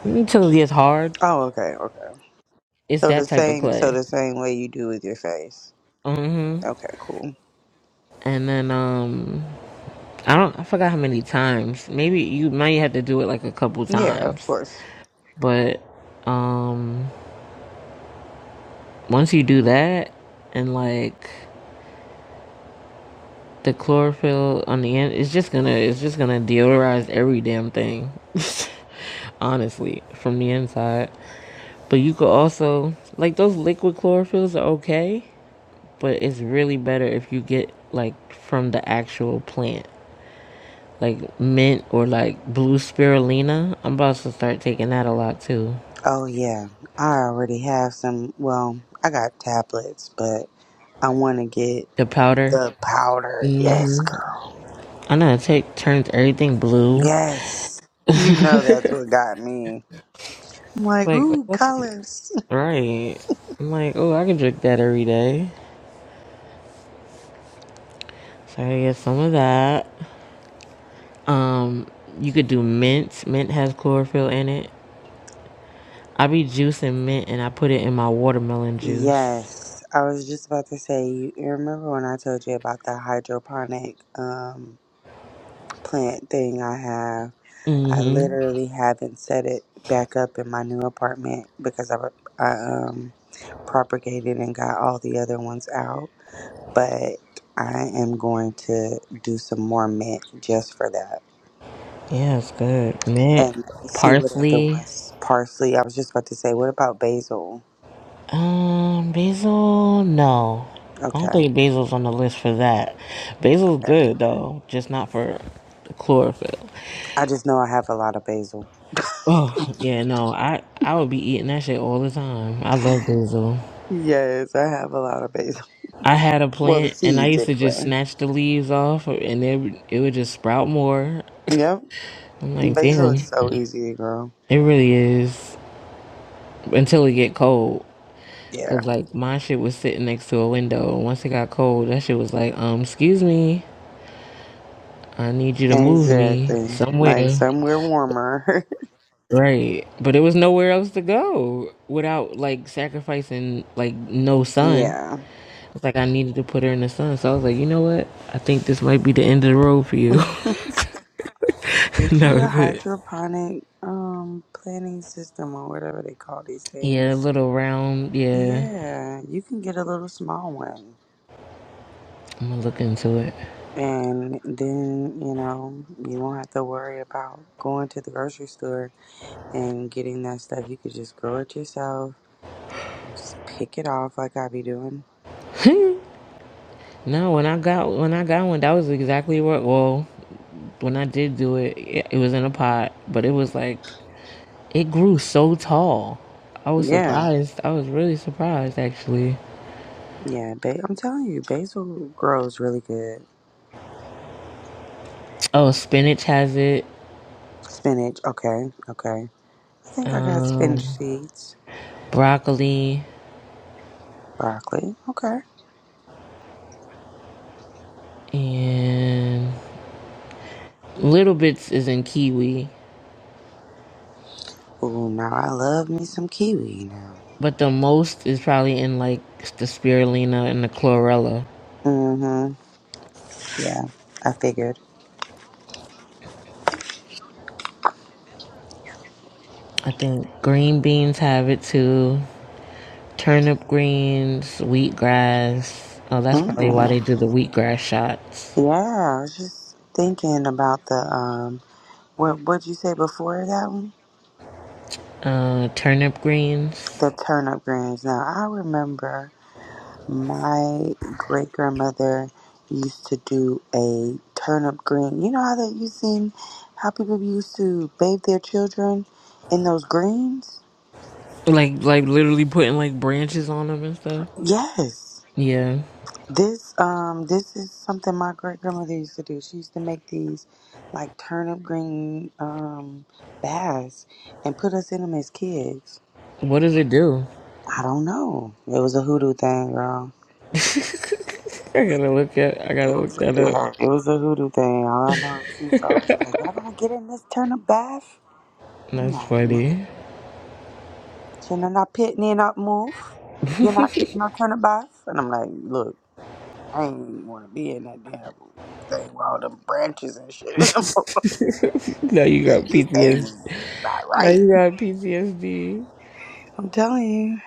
[SPEAKER 1] until it gets hard.
[SPEAKER 2] Oh, okay, okay.
[SPEAKER 1] It's
[SPEAKER 2] So the
[SPEAKER 1] that type of
[SPEAKER 2] same so
[SPEAKER 1] clay.
[SPEAKER 2] the same way you do with your face.
[SPEAKER 1] Mm-hmm.
[SPEAKER 2] Okay, cool.
[SPEAKER 1] And then um, I don't, I forgot how many times. Maybe you might have to do it like a couple
[SPEAKER 2] Yeah, of
[SPEAKER 1] times,
[SPEAKER 2] course.
[SPEAKER 1] but um, once you do that, and like the chlorophyll on the end, it's just gonna, it's just gonna deodorize every damn thing. Honestly, from the inside. But you could also like those liquid chlorophylls are okay, but it's really better if you get like from the actual plant. Like mint or like blue spirulina. I'm about to start taking that a lot too.
[SPEAKER 2] Oh yeah. I already have some well, I got tablets, but I want to get
[SPEAKER 1] The powder.
[SPEAKER 2] The powder, yes, girl.
[SPEAKER 1] I know it take turns everything blue.
[SPEAKER 2] Yes. You know that's what got me. I'm like,
[SPEAKER 1] Like
[SPEAKER 2] ooh,
[SPEAKER 1] that's
[SPEAKER 2] colors.
[SPEAKER 1] right. I'm like, oh I can drink that every day. So I get some of that. Um you could do mint. Mint has chlorophyll in it. I be juicing mint and I put it in my watermelon juice.
[SPEAKER 2] Yes. I was just about to say, you you remember when I told you about the hydroponic um, plant thing I have? I
[SPEAKER 1] Mm-hmm.
[SPEAKER 2] literally haven't set it back up in my new apartment because I, I um, propagated and got all the other ones out. But I am going to do some more mint just for that
[SPEAKER 1] Yeah, it's good. Mint,
[SPEAKER 2] and see what other
[SPEAKER 1] parsley,
[SPEAKER 2] ones. Parsley. I was just about to say, what about basil?
[SPEAKER 1] um, basil. No, I don't
[SPEAKER 2] Okay.
[SPEAKER 1] think basil's on the list for that. Basil's
[SPEAKER 2] okay.
[SPEAKER 1] good though, just not for the chlorophyll.
[SPEAKER 2] I just know I have a lot of basil.
[SPEAKER 1] Oh yeah, no, I I would be eating that shit all the time. I love basil.
[SPEAKER 2] Yes, I have a lot of basil.
[SPEAKER 1] I had a
[SPEAKER 2] Well, the
[SPEAKER 1] plant and I
[SPEAKER 2] seeds
[SPEAKER 1] used to just
[SPEAKER 2] anyway.
[SPEAKER 1] snatch the leaves off, and it would- it would just sprout more.
[SPEAKER 2] Yep.
[SPEAKER 1] I'm like,
[SPEAKER 2] Basil is
[SPEAKER 1] damn,
[SPEAKER 2] so easy to grow.
[SPEAKER 1] it really is until it get cold.
[SPEAKER 2] Yeah.
[SPEAKER 1] Cause like my shit was sitting next to a window. once it got cold, that shit was like, um, excuse me, I need you to move me
[SPEAKER 2] Exactly. Like
[SPEAKER 1] somewhere.
[SPEAKER 2] somewhere warmer.
[SPEAKER 1] Right. But there was nowhere else to go without like sacrificing like no sun.
[SPEAKER 2] yeah.
[SPEAKER 1] It's like I needed to put her in the sun. So I was like, you know what? I think this might be the end of the road for you. And
[SPEAKER 2] Get you
[SPEAKER 1] that
[SPEAKER 2] a
[SPEAKER 1] was it.
[SPEAKER 2] hydroponic um planting system or whatever they call these
[SPEAKER 1] Yeah, a
[SPEAKER 2] things.
[SPEAKER 1] little round. Yeah,
[SPEAKER 2] Yeah, you can get a little small one.
[SPEAKER 1] I'm gonna look into
[SPEAKER 2] And then, you know, you won't have to worry about going to the grocery store and getting that stuff. You could just grow it yourself, just pick it off like I be doing.
[SPEAKER 1] it. no, when I got when I got one, that was exactly what. Well, when I did do it, it, it was in a pot, but it was like it grew so tall. I was
[SPEAKER 2] Yeah,
[SPEAKER 1] surprised. I was really surprised actually.
[SPEAKER 2] yeah. Ba- I'm telling you, basil grows really good.
[SPEAKER 1] Oh, spinach has it,
[SPEAKER 2] Spinach, okay, okay. I think I got spinach
[SPEAKER 1] um,
[SPEAKER 2] seeds,
[SPEAKER 1] broccoli,
[SPEAKER 2] broccoli, okay.
[SPEAKER 1] and little bits is in kiwi,
[SPEAKER 2] Ooh, now I love me some kiwi now.
[SPEAKER 1] but the most is probably in like the spirulina and the chlorella.
[SPEAKER 2] Mm-hmm. Yeah, I figured.
[SPEAKER 1] I think green beans have it too. Turnip greens, wheatgrass. Oh, that's probably why they
[SPEAKER 2] Mm-hmm.
[SPEAKER 1] do the wheatgrass shots.
[SPEAKER 2] Yeah, I was just thinking about the um What what'd you say before that one?
[SPEAKER 1] uh turnip
[SPEAKER 2] The
[SPEAKER 1] greens
[SPEAKER 2] turnip greens. Now I remember my great grandmother used to do a turnip green. You know how that you seen how people used to bathe their children in those greens?
[SPEAKER 1] like like literally putting like branches on them and stuff
[SPEAKER 2] Yes.
[SPEAKER 1] yeah
[SPEAKER 2] This um this is something my great grandmother used to do. She used to make these like turnip green um baths and put us in them as kids.
[SPEAKER 1] what does it do
[SPEAKER 2] I don't know. It was a hoodoo thing, girl.
[SPEAKER 1] i gotta look at i
[SPEAKER 2] It
[SPEAKER 1] gotta look
[SPEAKER 2] was,
[SPEAKER 1] that up
[SPEAKER 2] yeah, it was a hoodoo thing. All I know is she's always like, y'all gonna get in this turn of bath? I'm
[SPEAKER 1] that's
[SPEAKER 2] like, man,
[SPEAKER 1] funny
[SPEAKER 2] you're not pitting in up move. You're not getting no turn of bath. And I'm like, look, I ain't wanna be in that damn thing with all them branches and shit. in them."
[SPEAKER 1] now you got
[SPEAKER 2] like, these things
[SPEAKER 1] ptsd
[SPEAKER 2] is not
[SPEAKER 1] now
[SPEAKER 2] right.
[SPEAKER 1] you got ptsd
[SPEAKER 2] I'm telling you.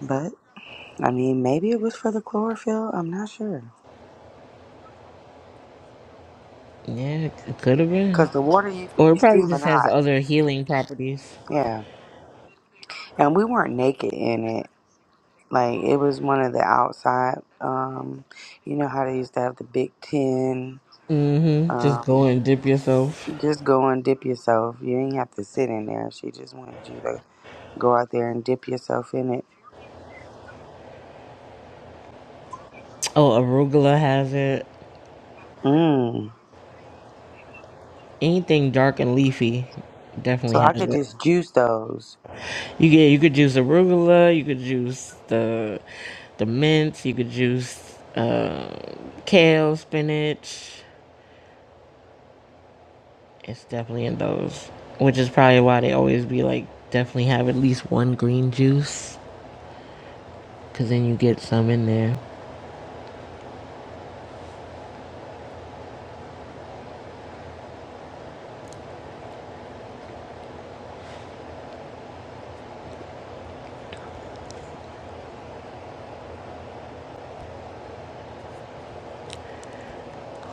[SPEAKER 2] But, I mean, maybe it was for the chlorophyll. I'm not sure.
[SPEAKER 1] yeah it could have been
[SPEAKER 2] Because the water used to
[SPEAKER 1] or it
[SPEAKER 2] be
[SPEAKER 1] probably
[SPEAKER 2] steaming
[SPEAKER 1] just has
[SPEAKER 2] hot.
[SPEAKER 1] other healing properties
[SPEAKER 2] Yeah. And we weren't naked in it. Like it was one of the outside. Um, you know how they used to have the Big tin.
[SPEAKER 1] mm-hmm just go
[SPEAKER 2] Um,
[SPEAKER 1] and dip yourself
[SPEAKER 2] just go and dip yourself. You didn't have to sit in there. She just wanted you to go out there and dip yourself in it.
[SPEAKER 1] oh arugula has it
[SPEAKER 2] Mm.
[SPEAKER 1] anything dark and leafy definitely
[SPEAKER 2] So I
[SPEAKER 1] has
[SPEAKER 2] could
[SPEAKER 1] it
[SPEAKER 2] just juice those.
[SPEAKER 1] You get you could juice arugula, you could juice the the mints, you could juice uh, kale, spinach. It's definitely in those, which is probably why they always be like definitely have at least one green juice, cause then you get some in there.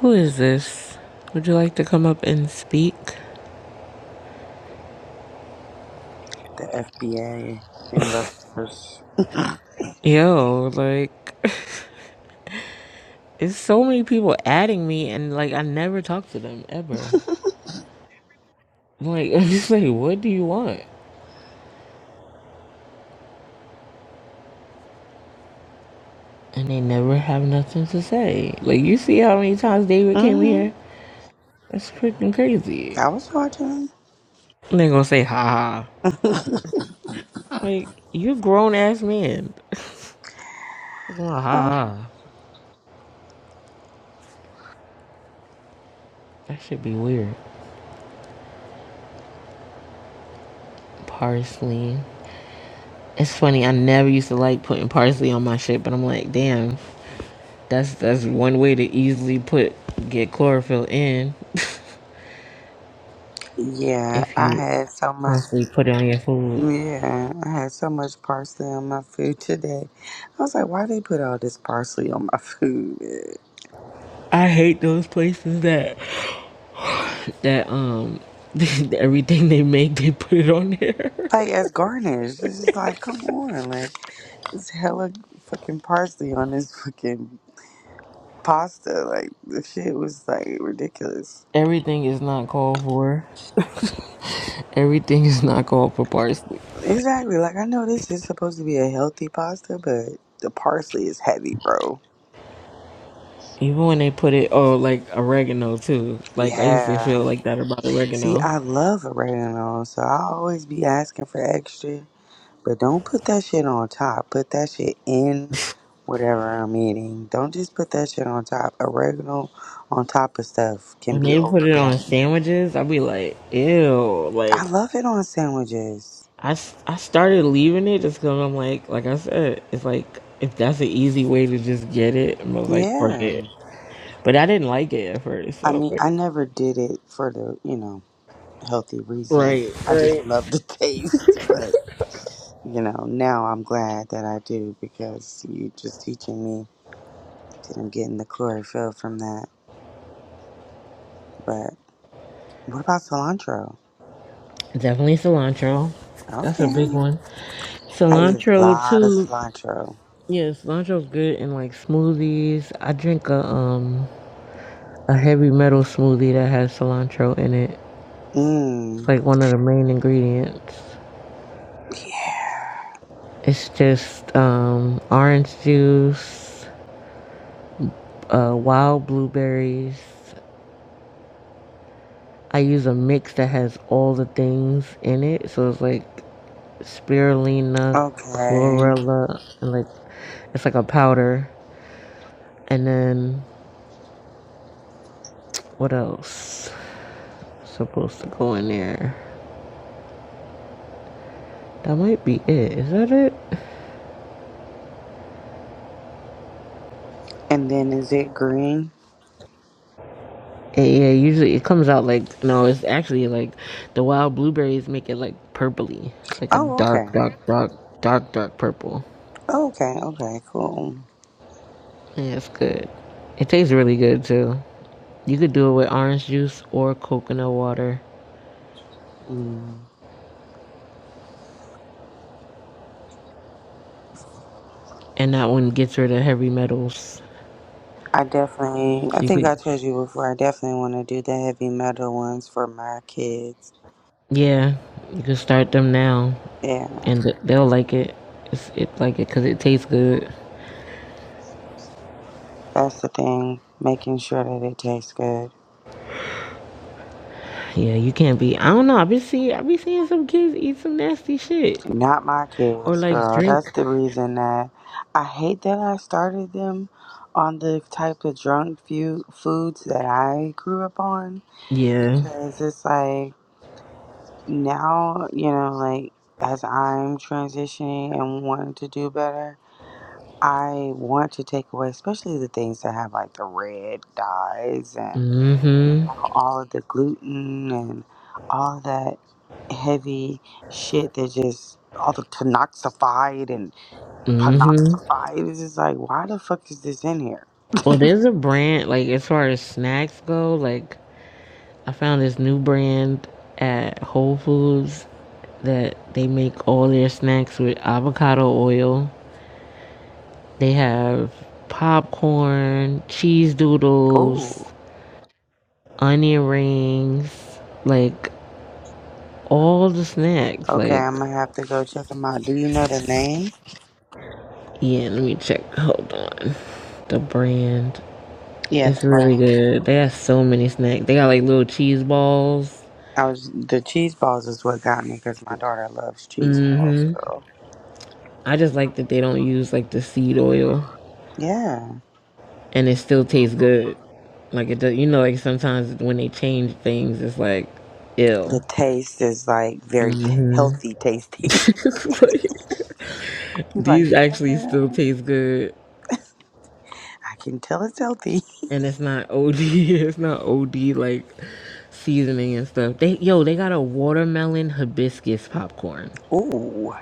[SPEAKER 1] Who is this? Would you like to come up and speak?
[SPEAKER 2] The FBA investors.
[SPEAKER 1] Yo, like it's so many people adding me, and like I never talk to them ever. Like I'm just like, what do you want? And they never have nothing to say. Like, you see how many times David came
[SPEAKER 2] Mm-hmm.
[SPEAKER 1] here? That's freaking crazy.
[SPEAKER 2] I was watching.
[SPEAKER 1] And they gonna say, ha ha. Like, you grown ass man. It's not ha
[SPEAKER 2] Oh.
[SPEAKER 1] ha. That should be weird. Parsley. It's funny, I never used to like putting parsley on my shit, but I'm like, damn, that's that's one way to easily put get chlorophyll in
[SPEAKER 2] Yeah,
[SPEAKER 1] if
[SPEAKER 2] I
[SPEAKER 1] you
[SPEAKER 2] had so much.
[SPEAKER 1] constantly put it on your food.
[SPEAKER 2] Yeah, I had so much parsley on my food today. I was like, why they put all this parsley on my food?
[SPEAKER 1] I hate those places that that um everything they make they put it on there.
[SPEAKER 2] like as garnish. It's just like, come on, like it's hella fucking parsley on this fucking pasta. Like the shit was like ridiculous.
[SPEAKER 1] Everything is not called for. Everything is not called for parsley.
[SPEAKER 2] Exactly. Like I know this is supposed to be a healthy pasta, but the parsley is heavy, bro.
[SPEAKER 1] Even when they put it oh like oregano too. Like I used to feel
[SPEAKER 2] Yeah.
[SPEAKER 1] like that about
[SPEAKER 2] See,
[SPEAKER 1] oregano.
[SPEAKER 2] I love oregano, so I always be asking for extra. But don't put that shit on top. Put that shit in whatever I'm eating. Don't just put that shit on top. Oregano on top of stuff can
[SPEAKER 1] When
[SPEAKER 2] be
[SPEAKER 1] they put it on
[SPEAKER 2] overbearing.
[SPEAKER 1] sandwiches, I'd be like, ew.
[SPEAKER 2] I
[SPEAKER 1] Like
[SPEAKER 2] love it on sandwiches.
[SPEAKER 1] I, s- I started leaving it just because I'm like like I said, it's like if that's an easy way to just get it, I was like, fuck
[SPEAKER 2] Yeah.
[SPEAKER 1] it. But I didn't like it at first,
[SPEAKER 2] I
[SPEAKER 1] so
[SPEAKER 2] mean,
[SPEAKER 1] like,
[SPEAKER 2] I never did it for the, you know, healthy reason.
[SPEAKER 1] right,
[SPEAKER 2] I just
[SPEAKER 1] right.
[SPEAKER 2] love the taste. But, you know, now I'm glad that I do because you just teaching me that I'm getting the chlorophyll from that. But what about cilantro?
[SPEAKER 1] Definitely cilantro. That's a big
[SPEAKER 2] Okay.
[SPEAKER 1] one.
[SPEAKER 2] I eat a
[SPEAKER 1] Cilantro
[SPEAKER 2] lot of
[SPEAKER 1] too.
[SPEAKER 2] cilantro.
[SPEAKER 1] Yeah, cilantro's good in like smoothies. I drink a um a heavy metal smoothie that has cilantro in it. It's
[SPEAKER 2] Mmm.
[SPEAKER 1] like one of the main ingredients.
[SPEAKER 2] Yeah.
[SPEAKER 1] It's just um orange juice, uh wild blueberries. I use a mix that has all the things in it. So it's like spirulina,
[SPEAKER 2] Okay.
[SPEAKER 1] chlorella, and like it's like a powder. And then What else? Supposed to go in there. That might be it. Is that it?
[SPEAKER 2] And then is it green?
[SPEAKER 1] And yeah, usually it comes out like no, it's actually like the wild blueberries make it like purpley, like a
[SPEAKER 2] Oh, okay.
[SPEAKER 1] dark, dark, dark, dark, dark purple.
[SPEAKER 2] Okay, okay, cool.
[SPEAKER 1] Yeah, it's good. It tastes really good too. You could do it with orange juice or coconut water,
[SPEAKER 2] Mm.
[SPEAKER 1] and that one gets rid of heavy metals.
[SPEAKER 2] I definitely,
[SPEAKER 1] So
[SPEAKER 2] I
[SPEAKER 1] you
[SPEAKER 2] think
[SPEAKER 1] could,
[SPEAKER 2] I told you before, I definitely want to do the heavy metal ones for my kids.
[SPEAKER 1] yeah, you could start them now,
[SPEAKER 2] Yeah,
[SPEAKER 1] and th- they'll like it. It's, it like it because it tastes good.
[SPEAKER 2] that's the thing, making sure that it tastes good.
[SPEAKER 1] Yeah, you can't be. I don't know. I be see. I be seeing some kids eat some nasty shit
[SPEAKER 2] Not my
[SPEAKER 1] or
[SPEAKER 2] kids,
[SPEAKER 1] like
[SPEAKER 2] girl. That's
[SPEAKER 1] drink.
[SPEAKER 2] the reason that I hate that I started them on the type of drunk few foods that I grew up on
[SPEAKER 1] Yeah.
[SPEAKER 2] because it's like now, you know, like as I'm transitioning and wanting to do better, I want to take away, especially the things that have like the red dyes and you
[SPEAKER 1] Mhm.
[SPEAKER 2] know all of the gluten and all that heavy shit that just all the panoxified and
[SPEAKER 1] Mhm.
[SPEAKER 2] panoxified. It's just like, why the fuck is this in here?
[SPEAKER 1] Well, there's a brand like as far as snacks go. Like I found this new brand at Whole Foods that they make all their snacks with avocado oil. They have popcorn, cheese
[SPEAKER 2] Ooh,
[SPEAKER 1] doodles, onion rings, like all the snacks.
[SPEAKER 2] okay,
[SPEAKER 1] Like
[SPEAKER 2] I'm gonna have to go check them out. Do you know the name?
[SPEAKER 1] Yeah, let me check. Hold on. The brand.
[SPEAKER 2] Yeah, the
[SPEAKER 1] It's really
[SPEAKER 2] brand.
[SPEAKER 1] good. They have so many snacks. They got like little cheese balls.
[SPEAKER 2] I was the cheese balls is what got me because my daughter loves cheese balls,
[SPEAKER 1] hmm
[SPEAKER 2] girl.
[SPEAKER 1] I just like that they don't use like the seed oil
[SPEAKER 2] Yeah.
[SPEAKER 1] and it still tastes good. Like it does you know, like sometimes when they change things it's like
[SPEAKER 2] The
[SPEAKER 1] ill.
[SPEAKER 2] taste is like very t-
[SPEAKER 1] hmm
[SPEAKER 2] healthy tasting.
[SPEAKER 1] like,
[SPEAKER 2] You're like,
[SPEAKER 1] these actually still
[SPEAKER 2] yeah,
[SPEAKER 1] taste good.
[SPEAKER 2] I can tell it's healthy.
[SPEAKER 1] And it's not OD. It's not OD like seasoning and stuff. They yo, they got a watermelon hibiscus popcorn.
[SPEAKER 2] Ooh.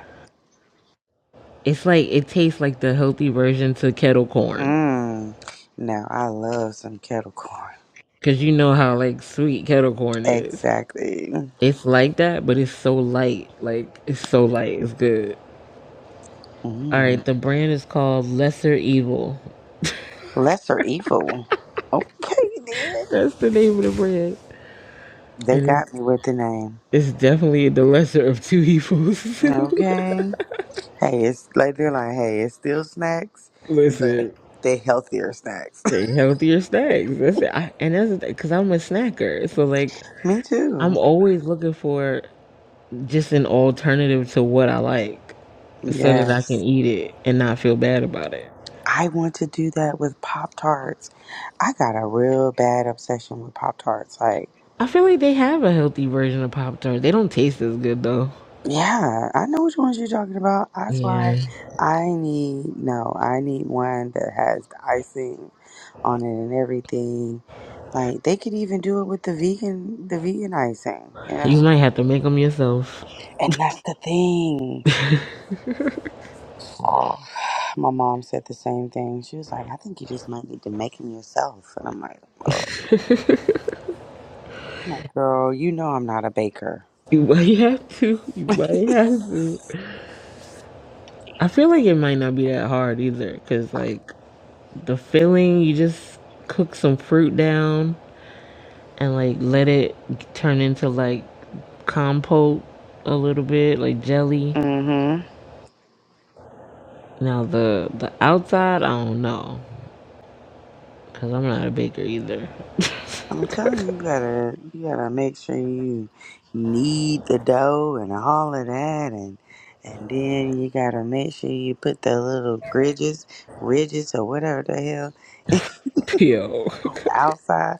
[SPEAKER 1] It's like it tastes like the healthy version to kettle corn.
[SPEAKER 2] Mmm. Now, I love some kettle corn.
[SPEAKER 1] Cause you know how like sweet kettle corn is.
[SPEAKER 2] Exactly.
[SPEAKER 1] It's like that, but it's so light. Like it's so light. It's good. All right,
[SPEAKER 2] Mm.
[SPEAKER 1] the brand is called Lesser Evil.
[SPEAKER 2] Lesser evil. Okay, then.
[SPEAKER 1] That's the name of the brand,
[SPEAKER 2] They
[SPEAKER 1] and
[SPEAKER 2] got
[SPEAKER 1] it's
[SPEAKER 2] me with the name.
[SPEAKER 1] it's definitely the lesser of two evils.
[SPEAKER 2] Okay. Hey, it's like they're like, hey, it's still snacks, but
[SPEAKER 1] Listen,
[SPEAKER 2] they healthier snacks.
[SPEAKER 1] they healthier snacks. That's it. I, and that's because I'm a snacker, so like
[SPEAKER 2] me too.
[SPEAKER 1] I'm always looking for just an alternative to what I like. so that I
[SPEAKER 2] Yes.
[SPEAKER 1] can eat it and not feel bad about it.
[SPEAKER 2] I want to do that with Pop Tarts. I got a real bad obsession with Pop Tarts. Like,
[SPEAKER 1] I feel like they have a healthy version of Pop tarts. They don't taste as good though.
[SPEAKER 2] yeah, I know which ones you're talking about. That's
[SPEAKER 1] Yeah,
[SPEAKER 2] why I need, no, I need one that has the icing on it and everything. Like, they could even do it with the vegan, the vegan icing, you
[SPEAKER 1] you
[SPEAKER 2] know?
[SPEAKER 1] might have to make them yourself.
[SPEAKER 2] And that's the thing. My mom said the same thing. She was like, I think you just might need to make them yourself. And I'm like, oh. my girl, you know I'm not a baker.
[SPEAKER 1] You might have to. You might have to. I feel like it might not be that hard either, cause like the filling, you just cook some fruit down and like let it turn into like compote a little bit, like jelly.
[SPEAKER 2] Mm-hmm.
[SPEAKER 1] Now the the outside, I don't know, cause I'm not a baker either.
[SPEAKER 2] I'm telling you, you gotta you gotta make sure you knead the dough and all of that, and and then you gotta make sure you put the little ridges, ridges or whatever the hell
[SPEAKER 1] Yo,
[SPEAKER 2] on the outside.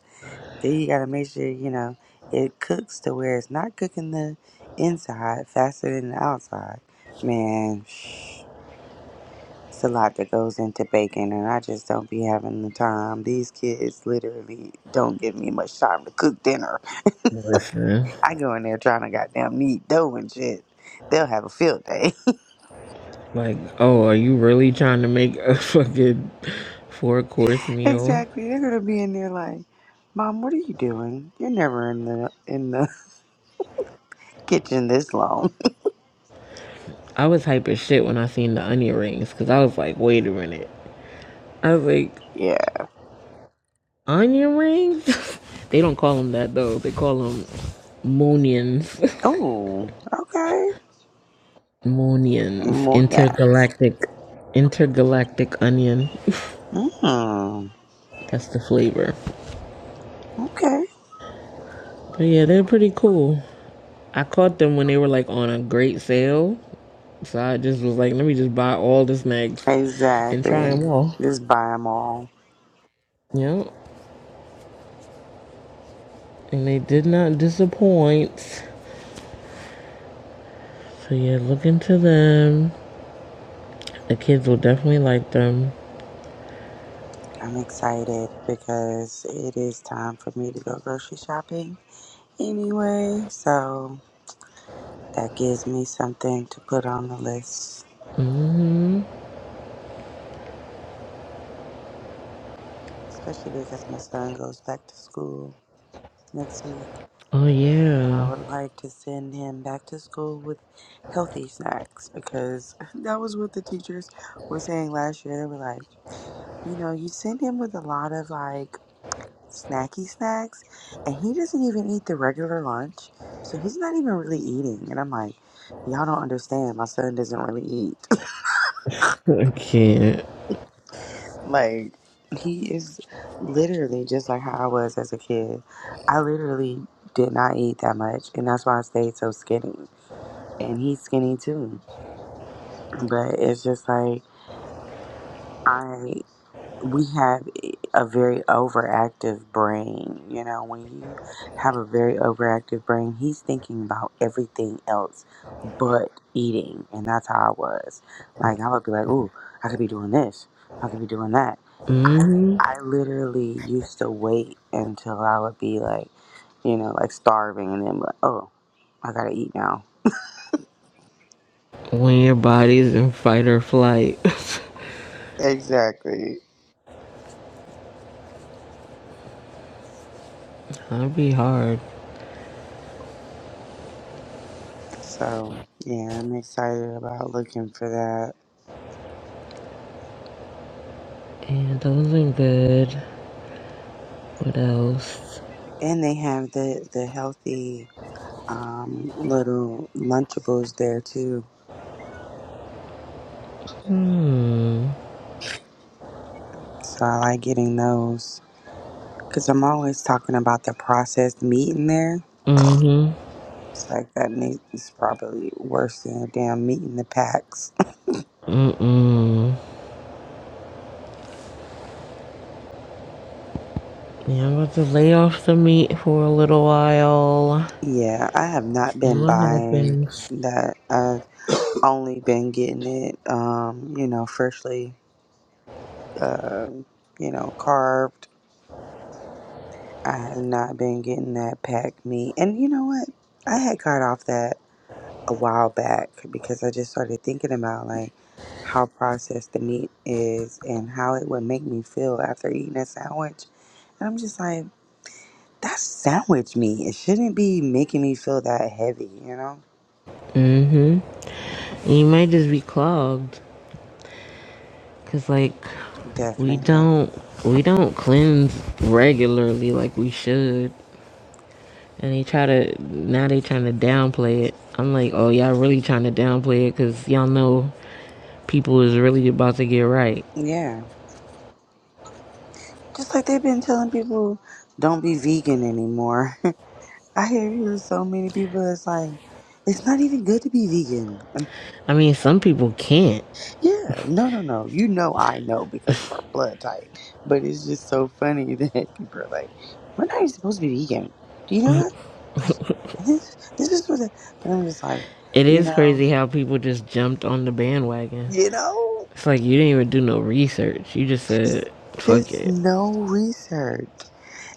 [SPEAKER 2] Then you gotta make sure you know it cooks to where it's not cooking the inside faster than the outside. Man, it's a lot that goes into baking, and I just don't be having the time. These kids literally don't give me much time to cook dinner
[SPEAKER 1] listen.
[SPEAKER 2] I go in there trying to goddamn knead dough and shit. They'll have a field day.
[SPEAKER 1] Like, oh, are you really trying to make a fucking four course meal?
[SPEAKER 2] exactly. They're gonna be in there like, Mom, what are you doing? You're never in the in the kitchen this long.
[SPEAKER 1] I was hype as shit when I seen the onion rings because I was like, wait a minute. I was like,
[SPEAKER 2] yeah.
[SPEAKER 1] onion rings? they don't call them that though. They call them monions.
[SPEAKER 2] Oh, okay.
[SPEAKER 1] monions.
[SPEAKER 2] More yaks.
[SPEAKER 1] Intergalactic. Intergalactic onion.
[SPEAKER 2] Mm.
[SPEAKER 1] That's the flavor.
[SPEAKER 2] Okay.
[SPEAKER 1] But yeah, they're pretty cool. I caught them when they were like on a great sale. So I just was like, let me just buy all the snacks and try
[SPEAKER 2] Exactly.
[SPEAKER 1] them all.
[SPEAKER 2] Just buy them all.
[SPEAKER 1] Yep. And they did not disappoint. So yeah, look into them. The kids will definitely like them.
[SPEAKER 2] I'm excited because it is time for me to go grocery shopping anyway. So that gives me something to put on the list
[SPEAKER 1] hmm
[SPEAKER 2] especially because my son goes back to school next week.
[SPEAKER 1] Oh
[SPEAKER 2] I
[SPEAKER 1] yeah.
[SPEAKER 2] would like to send him back to school with healthy snacks because that was what the teachers were saying last year. They were like, you know, you send him with a lot of like snacky snacks, and he doesn't even eat the regular lunch, so he's not even really eating. And I'm like, y'all don't understand. My son doesn't really eat.
[SPEAKER 1] I can't.
[SPEAKER 2] Like he is literally just like how I was as a kid. I literally did not eat that much, and that's why I stayed so skinny. And he's skinny too. But it's just like I we have a very overactive brain. You know, when you have a very overactive brain, he's thinking about everything else but eating. And that's how I was. Like, I would be like, ooh, I could be doing this. I could be doing that. I,
[SPEAKER 1] hmm
[SPEAKER 2] I literally used to wait until I would be like, you know, like starving and then, be like, oh, I gotta eat now.
[SPEAKER 1] When your body's in fight or flight,
[SPEAKER 2] Exactly.
[SPEAKER 1] that'd be hard.
[SPEAKER 2] So, yeah, I'm excited about looking for that.
[SPEAKER 1] And those ain't good. What else?
[SPEAKER 2] And they have the the healthy um, little Lunchables there too.
[SPEAKER 1] Hmm.
[SPEAKER 2] So I like getting those because I'm always talking about the processed meat in there.
[SPEAKER 1] Mm-hmm.
[SPEAKER 2] It's like that meat is probably worse than a damn meat in the packs.
[SPEAKER 1] Mm-mm. Yeah, I'm about to lay off the meat for a little while.
[SPEAKER 2] yeah, I have not
[SPEAKER 1] See
[SPEAKER 2] been
[SPEAKER 1] what
[SPEAKER 2] buying
[SPEAKER 1] happens.
[SPEAKER 2] that. I've only been getting it, um, you know, freshly, uh, you know, carved. I have not been getting that packed meat. And you know what? I had got off that. a while back because I just started thinking about like how processed the meat is and how it would make me feel after eating a sandwich. And I'm just like, that's sandwich meat. It shouldn't be making me feel that heavy, you know?
[SPEAKER 1] Mm-hmm. You might just be clogged. Cause like we
[SPEAKER 2] Definitely.
[SPEAKER 1] don't we don't cleanse regularly like we should. And they try to now they trying to downplay it. I'm like, oh y'all really trying to downplay it because y'all know people is really about to get right.
[SPEAKER 2] Yeah. Just like they've been telling people don't be vegan anymore. I hear hear so many people it's like it's not even good to be vegan.
[SPEAKER 1] I mean some people can't.
[SPEAKER 2] Yeah, no, no, no. You know, I know because of our blood type. But it's just so funny that people are like, "We're not even supposed to be vegan." Do you know that? Like, and this, this is what. the- And I'm just like,
[SPEAKER 1] It
[SPEAKER 2] you
[SPEAKER 1] is
[SPEAKER 2] know,
[SPEAKER 1] crazy how people just jumped on the bandwagon.
[SPEAKER 2] you know,
[SPEAKER 1] It's like you didn't even do no research. You just
[SPEAKER 2] just,
[SPEAKER 1] said, fuck
[SPEAKER 2] just
[SPEAKER 1] it.
[SPEAKER 2] no research.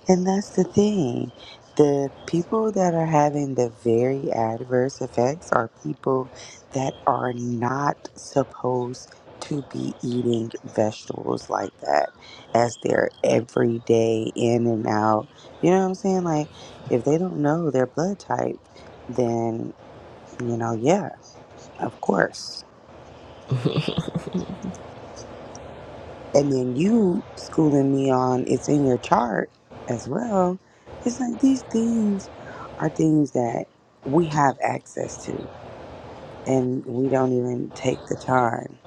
[SPEAKER 2] And that's the thing. The people that are having the very adverse effects are people that are not supposed to be eating vegetables like that as their everyday in and out. You know what I'm saying? Like, if they don't know their blood type, then, you know, yeah, of course. And then you schooling me on it's in your chart as well. It's like these things are things that we have access to and we don't even take the time.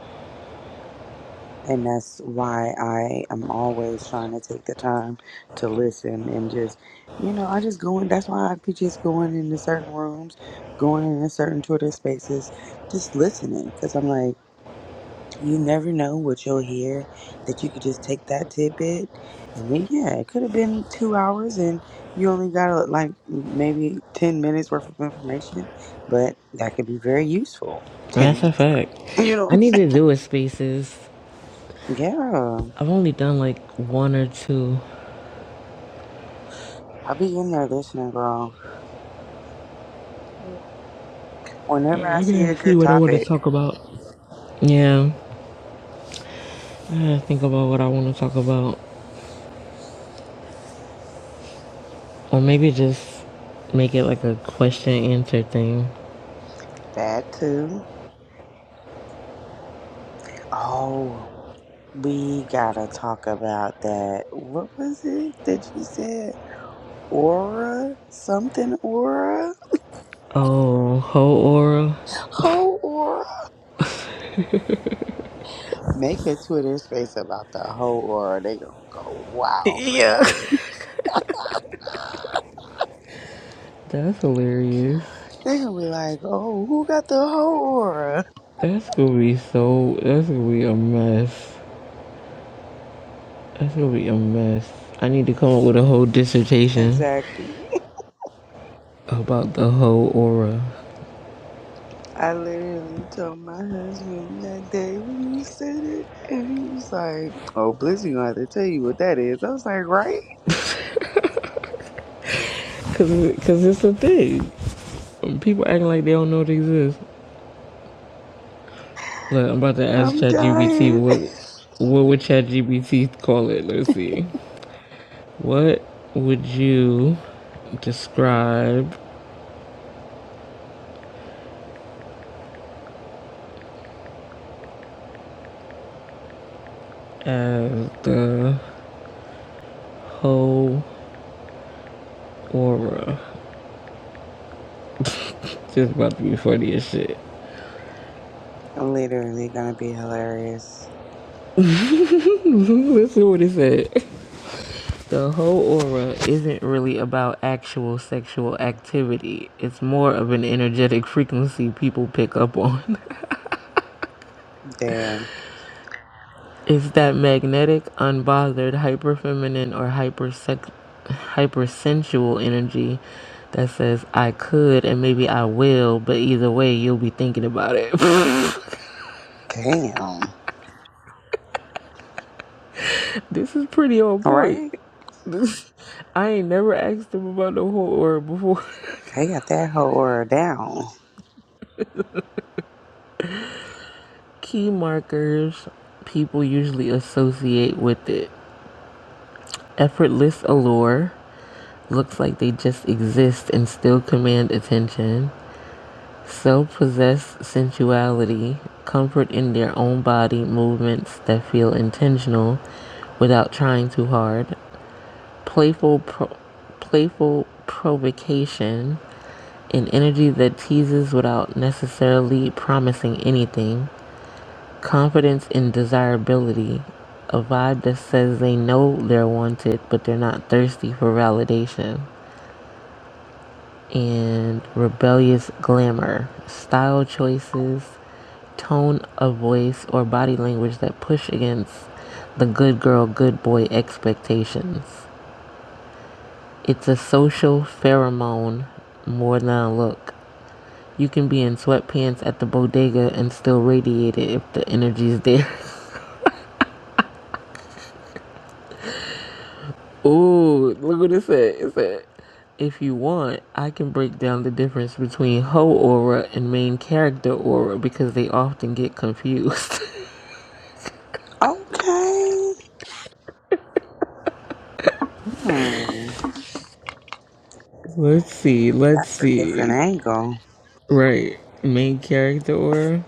[SPEAKER 2] And that's why I am always trying to take the time to listen and just, you know, I just go in. That's why I be just going into certain rooms, going into certain Twitter spaces, just listening. Because I'm like, You never know what you'll hear that you could just take that tidbit and it, yeah, it could have been two hours and you only got uh, like maybe 10 minutes worth of information, but that could be very useful. 10
[SPEAKER 1] That's a
[SPEAKER 2] minutes worth,
[SPEAKER 1] fact.
[SPEAKER 2] you
[SPEAKER 1] I
[SPEAKER 2] know?
[SPEAKER 1] need to do a spaces.
[SPEAKER 2] Yeah,
[SPEAKER 1] I've only done like one or two.
[SPEAKER 2] I'll be in there listening, girl. Whenever I see a
[SPEAKER 1] Let's See
[SPEAKER 2] good
[SPEAKER 1] what I want to
[SPEAKER 2] topic,
[SPEAKER 1] talk about. Yeah. I gotta think about what I want to talk about. Or maybe just make it like a question answer thing.
[SPEAKER 2] that too. Oh, we gotta talk about that. What was it that you said? Aura? Something aura?
[SPEAKER 1] Oh, whole aura?
[SPEAKER 2] Ho Make a Twitter space about the whole aura. They gonna go wild for
[SPEAKER 1] Yeah.
[SPEAKER 2] that.
[SPEAKER 1] That's hilarious.
[SPEAKER 2] They gonna be like, "Oh, who got the whole aura?"
[SPEAKER 1] That's gonna be so. That's gonna be a mess. That's gonna be a mess. I need to come up with a whole dissertation.
[SPEAKER 2] Exactly.
[SPEAKER 1] about the whole aura.
[SPEAKER 2] I literally told my husband that day when you said it, and he was like, "Oh, Blizzy gonna have to tell you what that is." I was like, "Right?
[SPEAKER 1] Cause, it- cause it's a thing. People acting like they don't know it exists. Look, I'm about to ask
[SPEAKER 2] I'm
[SPEAKER 1] ChatGPT
[SPEAKER 2] dying."
[SPEAKER 1] what, what would ChatGPT call it? Let's see. What would you describe as the whole aura? This about to be funny as shit.
[SPEAKER 2] Literally gonna be hilarious.
[SPEAKER 1] Listen to what it said. The whole aura isn't really about actual sexual activity. It's more of an energetic frequency people pick up on.
[SPEAKER 2] Damn.
[SPEAKER 1] It's that magnetic, unbothered, hyperfeminine or hyper hyper sensual energy that says I could and maybe I will, but either way you'll be thinking about it.
[SPEAKER 2] Damn.
[SPEAKER 1] this is pretty on point.
[SPEAKER 2] Right?
[SPEAKER 1] This, I ain't never asked them about the whole aura before.
[SPEAKER 2] They got that whole aura down.
[SPEAKER 1] Key markers people usually associate with it. Effortless allure looks like they just exist and still command attention. Self possessed sensuality, comfort in their own body movements that feel intentional without trying too hard. Playful, pro- playful provocation, an energy that teases without necessarily promising anything confidence in desirability. A vibe that says they know they're wanted, but they're not thirsty for validation. And rebellious glamour. Style choices, tone of voice, or body language that push against the good girl, good boy expectations. It's a social pheromone more than a look. You can be in sweatpants at the bodega and still radiate it if the energy's there. Ooh, look what it said. It said, if you want, I can break down the difference between hoe aura and main character aura because they often get confused.
[SPEAKER 2] Okay. Hmm.
[SPEAKER 1] let's see, let's
[SPEAKER 2] That's a different
[SPEAKER 1] see.
[SPEAKER 2] angle.
[SPEAKER 1] Right, main character aura?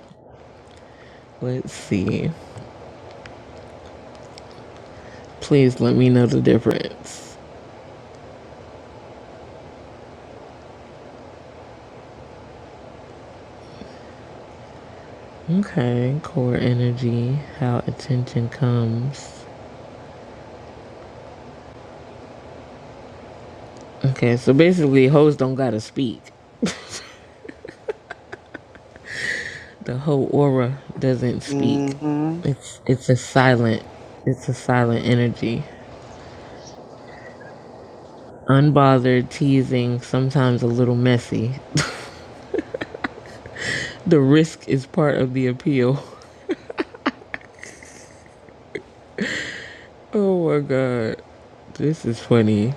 [SPEAKER 1] Let's see. Please let me know the difference. Okay, core energy, how attention comes. Okay, so basically, hoes don't gotta speak. The whole aura doesn't speak.
[SPEAKER 2] Mm-hmm.
[SPEAKER 1] It's it's a silent it's a silent energy. Unbothered, teasing, sometimes a little messy. The risk is part of the appeal. Oh my god. This is funny.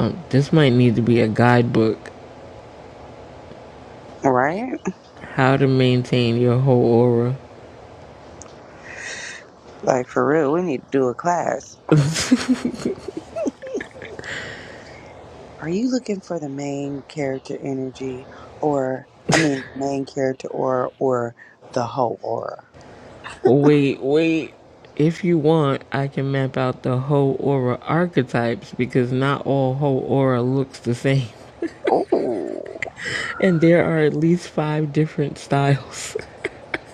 [SPEAKER 1] Um, this might need to be a guidebook.
[SPEAKER 2] Right?
[SPEAKER 1] How to maintain your whole aura.
[SPEAKER 2] Like for real, we need to do a class. Are you looking for the main character energy or I mean the main character aura or the whole aura?
[SPEAKER 1] wait, wait. If you want, I can map out the whole aura archetypes because not all whole aura looks the same.
[SPEAKER 2] Oh
[SPEAKER 1] And there are at least five different styles.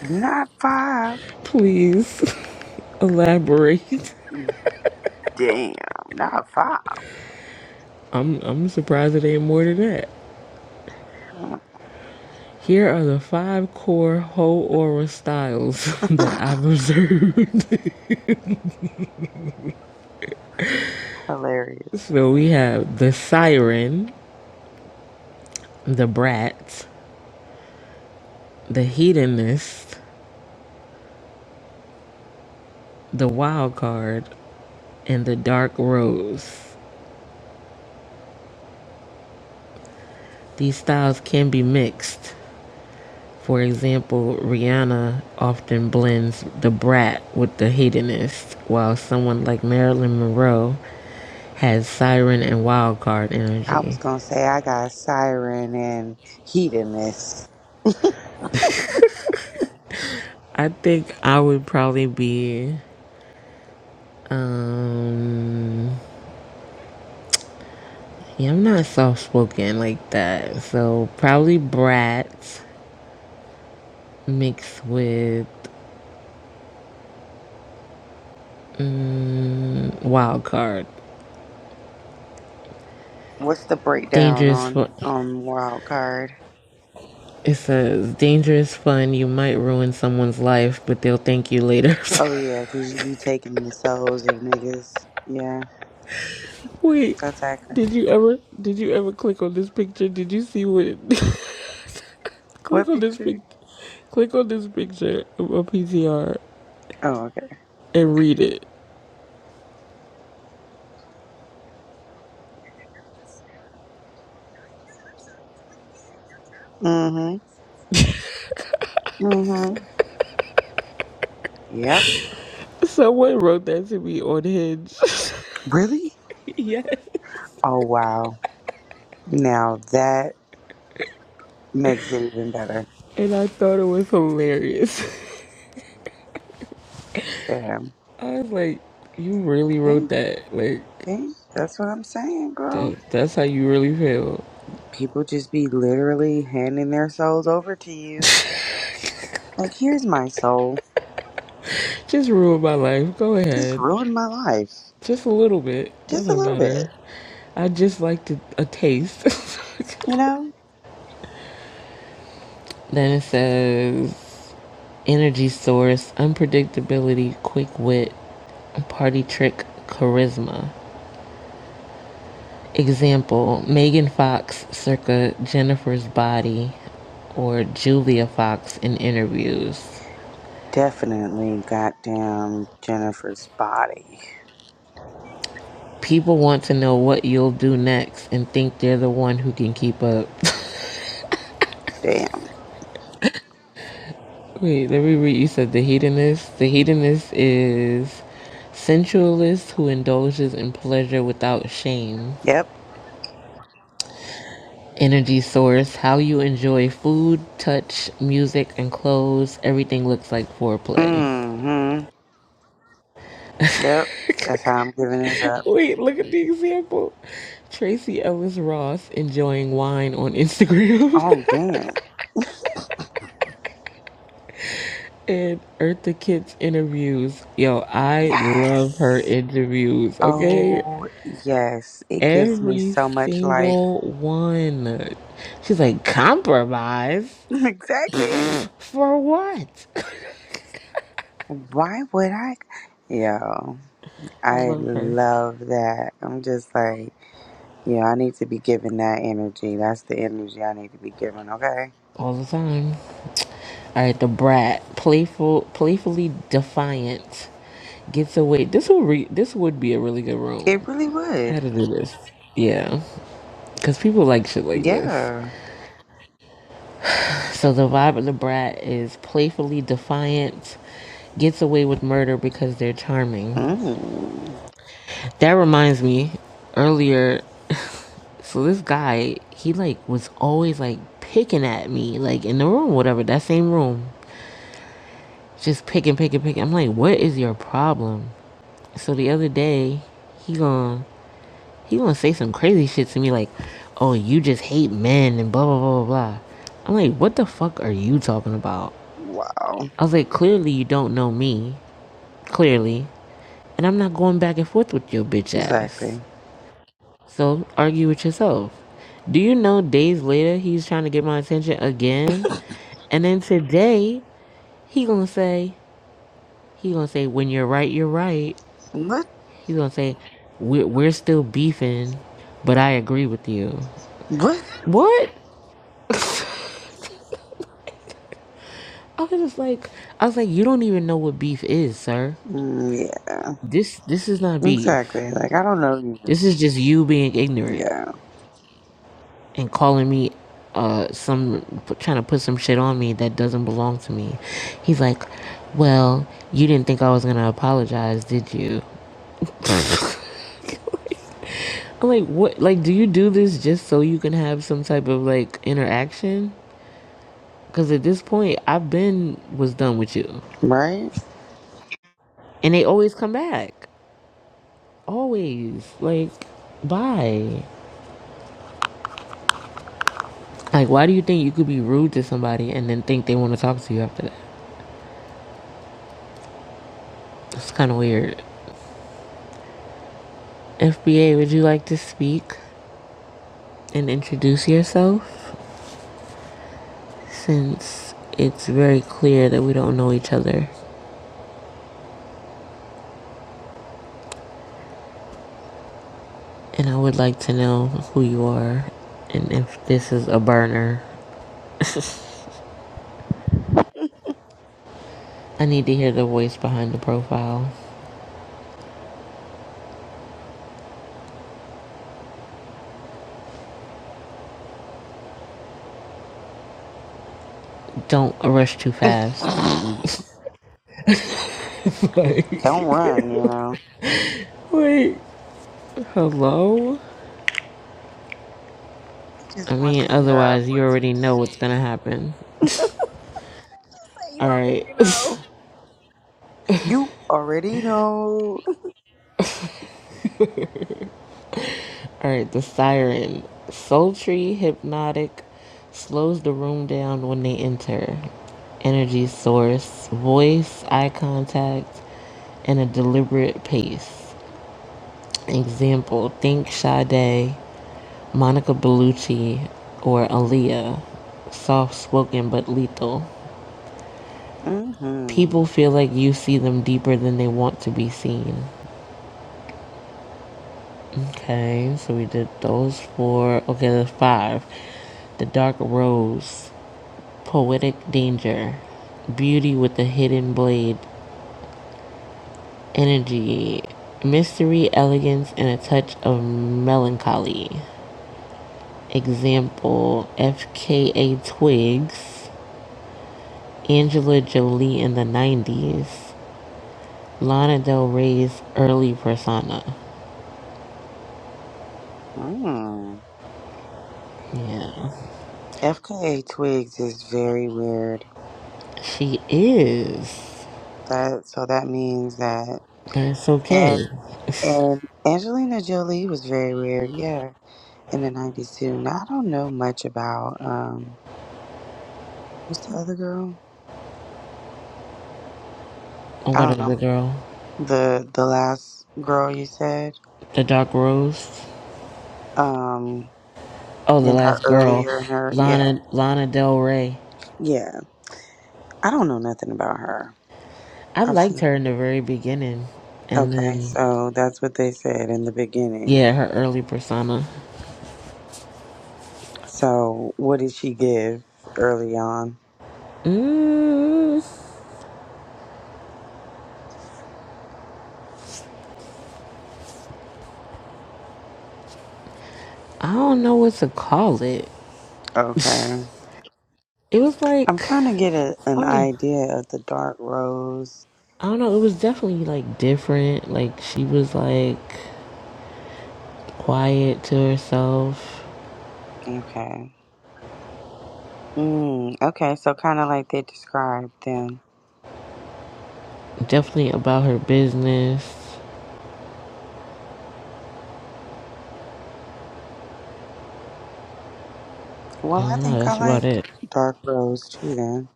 [SPEAKER 2] not five.
[SPEAKER 1] Please elaborate.
[SPEAKER 2] Damn, not five.
[SPEAKER 1] I'm I'm surprised it ain't more than that. Here are the five core whole aura styles that I've observed.
[SPEAKER 2] Hilarious.
[SPEAKER 1] so we have the siren, the brat, the hedonist, the wild card, and the dark rose. These styles can be mixed. For example, Rihanna often blends the brat with the hedonist, while someone like Marilyn Monroe has siren and wild card
[SPEAKER 2] I was
[SPEAKER 1] energy.
[SPEAKER 2] gonna say I got siren and hedonist.
[SPEAKER 1] I think I would probably be, um, yeah, I'm not soft spoken like that. So probably brat mixed with mm, wild card.
[SPEAKER 2] What's the breakdown
[SPEAKER 1] Dangerous.
[SPEAKER 2] on
[SPEAKER 1] For,
[SPEAKER 2] on wild card?
[SPEAKER 1] it says dangerous fun. You might ruin someone's life, but they'll thank you later.
[SPEAKER 2] Oh yeah, 'cause you be taking the souls of niggas. Yeah.
[SPEAKER 1] Wait,
[SPEAKER 2] Attacker.
[SPEAKER 1] did you ever did you ever click on this picture? Did you see what click
[SPEAKER 2] What
[SPEAKER 1] on this pic
[SPEAKER 2] picture?
[SPEAKER 1] click on this picture of a PTR
[SPEAKER 2] Oh, okay.
[SPEAKER 1] and read it.
[SPEAKER 2] Mm-hmm. Mm-hmm. Yep.
[SPEAKER 1] Someone wrote that to me on Hinge.
[SPEAKER 2] Really?
[SPEAKER 1] yes.
[SPEAKER 2] Oh wow. Now that makes it even better.
[SPEAKER 1] And I thought it was hilarious.
[SPEAKER 2] Damn.
[SPEAKER 1] I was like, you really
[SPEAKER 2] See?
[SPEAKER 1] wrote that. Like
[SPEAKER 2] See? That's what I'm saying, girl.
[SPEAKER 1] that, that's how you really feel.
[SPEAKER 2] People just be literally handing their souls over to you. Like, here's my soul.
[SPEAKER 1] Just ruined my life. Go
[SPEAKER 2] Just
[SPEAKER 1] ahead.
[SPEAKER 2] ruined my life.
[SPEAKER 1] Just a little bit.
[SPEAKER 2] Just a
[SPEAKER 1] Doesn't
[SPEAKER 2] little bit.
[SPEAKER 1] matter. I just liked a, a taste.
[SPEAKER 2] You know?
[SPEAKER 1] then it says energy source, unpredictability, quick wit, party trick, charisma. Example Megan Fox circa Jennifer's body or Julia Fox in interviews.
[SPEAKER 2] Definitely goddamn Jennifer's body.
[SPEAKER 1] People want to know what you'll do next and think they're the one who can keep up.
[SPEAKER 2] Damn.
[SPEAKER 1] Wait, let me read. You said the hedonist? The hedonist is sensualist who indulges in pleasure without shame.
[SPEAKER 2] Yep.
[SPEAKER 1] energy source, how you enjoy food, touch, music, and clothes. Everything looks like foreplay.
[SPEAKER 2] Mm-hmm. Yep. That's how I'm giving it up.
[SPEAKER 1] Wait, look at the example. Tracy Ellis Ross enjoying wine on Instagram
[SPEAKER 2] Oh, damn.
[SPEAKER 1] and Eartha Kitt's interviews. Yo, I love her
[SPEAKER 2] Yes.
[SPEAKER 1] interviews, okay?
[SPEAKER 2] Oh, yes. It gives me
[SPEAKER 1] Every
[SPEAKER 2] so much life.
[SPEAKER 1] single one. She's like, compromise?
[SPEAKER 2] Exactly.
[SPEAKER 1] For what?
[SPEAKER 2] Why would I? Yo,
[SPEAKER 1] I
[SPEAKER 2] I
[SPEAKER 1] love her
[SPEAKER 2] love that. I'm just like, yeah, I need to be giving that energy. That's the energy I need to be giving. okay?
[SPEAKER 1] all the time. All right, the brat, playful, playfully defiant, gets away. This will re- this would be a really good
[SPEAKER 2] It
[SPEAKER 1] room.
[SPEAKER 2] really
[SPEAKER 1] I
[SPEAKER 2] would.
[SPEAKER 1] had to do this, yeah, because people like shit like this.
[SPEAKER 2] Yeah.
[SPEAKER 1] So the vibe of the brat is playfully defiant, gets away with murder because they're charming.
[SPEAKER 2] Mm.
[SPEAKER 1] That reminds me, earlier, so this guy, he like was always like picking at me, like in the room, whatever, that same room, just picking, picking, picking. I'm like, what is your problem? So the other day, he gon' he gonna say some crazy shit to me like, "Oh, you just hate men and blah blah blah blah blah." I'm like, "What the fuck are you talking about?"
[SPEAKER 2] Wow.
[SPEAKER 1] I was like, "Clearly you don't know me, clearly, and I'm not going back and forth with your bitch ass.
[SPEAKER 2] Exactly.
[SPEAKER 1] So argue with yourself." Do you know? Days later, he's trying to get my attention again, and then today he gonna say he gonna say, "When you're right, you're right."
[SPEAKER 2] What?
[SPEAKER 1] He's gonna say, we're, we're still beefing, but I agree with you.
[SPEAKER 2] What?
[SPEAKER 1] What? I was just like, I was like, you don't even know what beef is, sir.
[SPEAKER 2] Mm, yeah.
[SPEAKER 1] This this is not beef.
[SPEAKER 2] Exactly. Like, I don't know you.
[SPEAKER 1] This is just you being ignorant
[SPEAKER 2] Yeah.
[SPEAKER 1] and calling me uh some p- trying to put some shit on me that doesn't belong to me. He's like, "Well, you didn't think I was going to apologize, did you?" I'm like, "What like do you do this just so you can have some type of like interaction?" Cuz at this point, I've been was done with you.
[SPEAKER 2] Right?
[SPEAKER 1] and they always come back. Always. Like, bye. Like, why do you think you could be rude to somebody and then think they want to talk to you after that? It's kind of weird. FBA, would you like to speak and introduce yourself? Since it's very clear that we don't know each other, and I would like to know who you are and if this is a burner. I need to hear the voice behind the profile. Don't rush too fast.
[SPEAKER 2] Don't run, you know.
[SPEAKER 1] Wait, hello?
[SPEAKER 2] He
[SPEAKER 1] I
[SPEAKER 2] just wants
[SPEAKER 1] mean,
[SPEAKER 2] to hear our
[SPEAKER 1] otherwise, you
[SPEAKER 2] voices.
[SPEAKER 1] already know
[SPEAKER 2] Say
[SPEAKER 1] what's gonna happen.
[SPEAKER 2] you
[SPEAKER 1] Alright.
[SPEAKER 2] already know. You already know.
[SPEAKER 1] Alright, the siren. Sultry, hypnotic, slows the room down when they enter. Energy source, voice, eye contact, and a deliberate pace. Example, think Sade, Monica Bellucci, or Aaliyah. Soft spoken but lethal.
[SPEAKER 2] Mm-hmm.
[SPEAKER 1] People feel like you see them deeper than they want to be seen. Okay, so we did those four. Okay, there's five. The Dark Rose, Poetic Danger, Beauty with a Hidden Blade, Energy, Mystery, Elegance, and a Touch of Melancholy. Example FKA Twigs, Angela Jolie in the 90s, Lana Del Rey's early persona.
[SPEAKER 2] Mm.
[SPEAKER 1] Yeah,
[SPEAKER 2] FKA Twigs is very weird.
[SPEAKER 1] she is,
[SPEAKER 2] That so that means that
[SPEAKER 1] but it's
[SPEAKER 2] and
[SPEAKER 1] okay.
[SPEAKER 2] and Angelina Jolie was very weird, yeah, in the nineties too. Now I don't know much about um what's the other girl? I
[SPEAKER 1] What
[SPEAKER 2] don't
[SPEAKER 1] other
[SPEAKER 2] know.
[SPEAKER 1] girl?
[SPEAKER 2] The the last girl you said.
[SPEAKER 1] The Dark Rose.
[SPEAKER 2] Um
[SPEAKER 1] Oh, the
[SPEAKER 2] in her
[SPEAKER 1] last girl,
[SPEAKER 2] earlier her yeah.
[SPEAKER 1] Lana Lana Del Rey.
[SPEAKER 2] Yeah. I don't know nothing about her.
[SPEAKER 1] I
[SPEAKER 2] I've
[SPEAKER 1] liked her
[SPEAKER 2] seen.
[SPEAKER 1] in the very beginning, and
[SPEAKER 2] Okay,
[SPEAKER 1] then
[SPEAKER 2] so that's what they said in the beginning.
[SPEAKER 1] yeah, her early persona.
[SPEAKER 2] So, what did she give early on?
[SPEAKER 1] Mm, I don't know what to call it.
[SPEAKER 2] Okay.
[SPEAKER 1] It was
[SPEAKER 2] I'm
[SPEAKER 1] like
[SPEAKER 2] trying to get a, an
[SPEAKER 1] oh,
[SPEAKER 2] idea of the dark rose.
[SPEAKER 1] I don't know. It was definitely like different. Like she was like quiet to herself,
[SPEAKER 2] Okay. Mm, okay, so kind of like they described then.
[SPEAKER 1] definitely about her business. I
[SPEAKER 2] Well, I
[SPEAKER 1] don't know.
[SPEAKER 2] think I
[SPEAKER 1] That's about
[SPEAKER 2] like
[SPEAKER 1] it.
[SPEAKER 2] dark rose too then.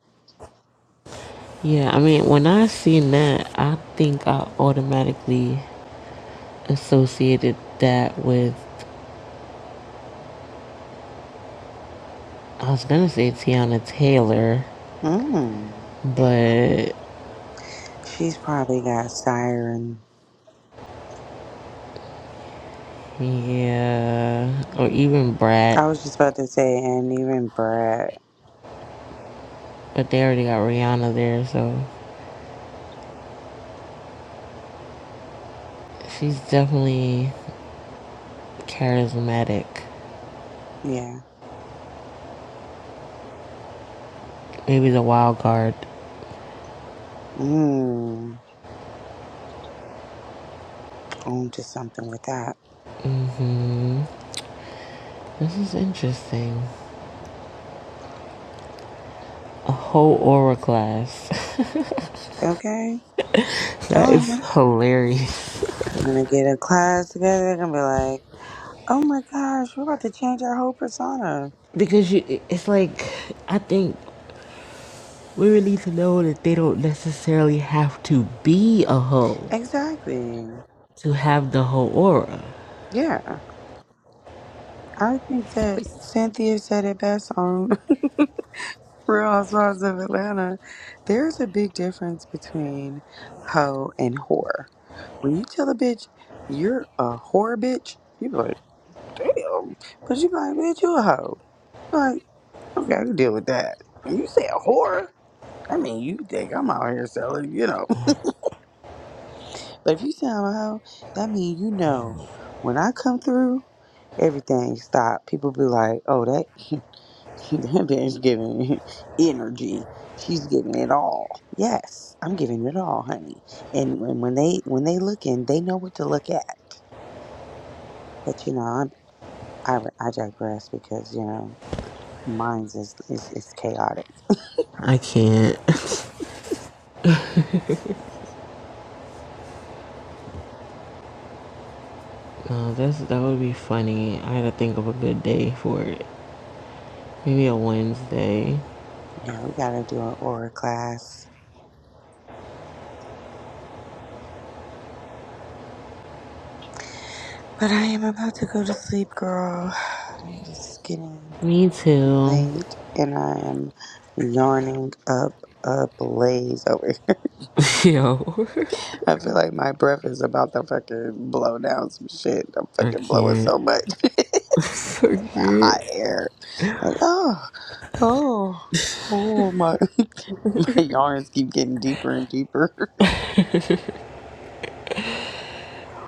[SPEAKER 1] Yeah, I mean, when I seen that, I think I automatically associated that with I was gonna say Tiana Taylor,
[SPEAKER 2] Mm.
[SPEAKER 1] but
[SPEAKER 2] She's probably got siren.
[SPEAKER 1] yeah, or even Brat,
[SPEAKER 2] I was just about to say, and even Brad.
[SPEAKER 1] but they already got Rihanna there, so she's definitely charismatic.
[SPEAKER 2] Yeah.
[SPEAKER 1] Maybe the wild card.
[SPEAKER 2] Mm. On to something with that.
[SPEAKER 1] This is interesting. A whole aura class.
[SPEAKER 2] Okay?
[SPEAKER 1] that
[SPEAKER 2] Telling
[SPEAKER 1] is
[SPEAKER 2] you.
[SPEAKER 1] hilarious.
[SPEAKER 2] We're gonna get a class together. They're gonna be like, oh my gosh, we're about to change our whole persona.
[SPEAKER 1] Because you, it's like I think women need to know that they don't necessarily have to be a hoe.
[SPEAKER 2] Exactly.
[SPEAKER 1] to have the whole aura.
[SPEAKER 2] Yeah. I think that Cynthia said it best on Real Housewives of Atlanta. There's a big difference between hoe and whore. When you tell a bitch you're a whore bitch, you be like, damn. But you be like, bitch, you a hoe. you like, okay, I can deal with that. When you say a whore, I mean, you think I'm out here selling, you know. But if you sound a hoe, that mean you know when I come through, everything stop. People be like, oh, that, that bitch giving energy. She's giving it all. Yes, I'm giving it all, honey. And when, when they when they looking, they know what to look at. But you know, I'm, I I digress because you know, mine's is is, is chaotic.
[SPEAKER 1] I can't. no, that's that would be funny. I gotta think of a good day for it. Maybe a Wednesday.
[SPEAKER 2] yeah, we gotta do an aura class. But I am about to go to sleep, girl. It's getting
[SPEAKER 1] Me too.
[SPEAKER 2] late and I am yarning up a blaze over here.
[SPEAKER 1] Yo,
[SPEAKER 2] I feel like my breath is about to fucking blow down some shit. I'm
[SPEAKER 1] I
[SPEAKER 2] fucking blowing
[SPEAKER 1] can't.
[SPEAKER 2] so much
[SPEAKER 1] I can
[SPEAKER 2] hot air. Like, oh, oh, oh, my, my yarns keep getting deeper and deeper.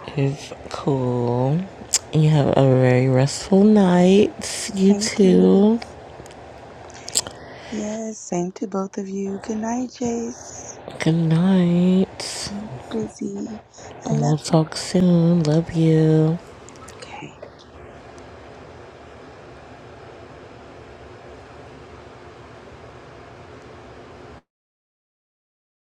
[SPEAKER 1] It's cool. You have a very restful night. You
[SPEAKER 2] Thank you.
[SPEAKER 1] too.
[SPEAKER 2] Yes, same to both of you. Good night, Jace.
[SPEAKER 1] Good night.
[SPEAKER 2] Good night, Busy. I love
[SPEAKER 1] We'll
[SPEAKER 2] you.
[SPEAKER 1] talk soon. Love you.
[SPEAKER 2] Okay.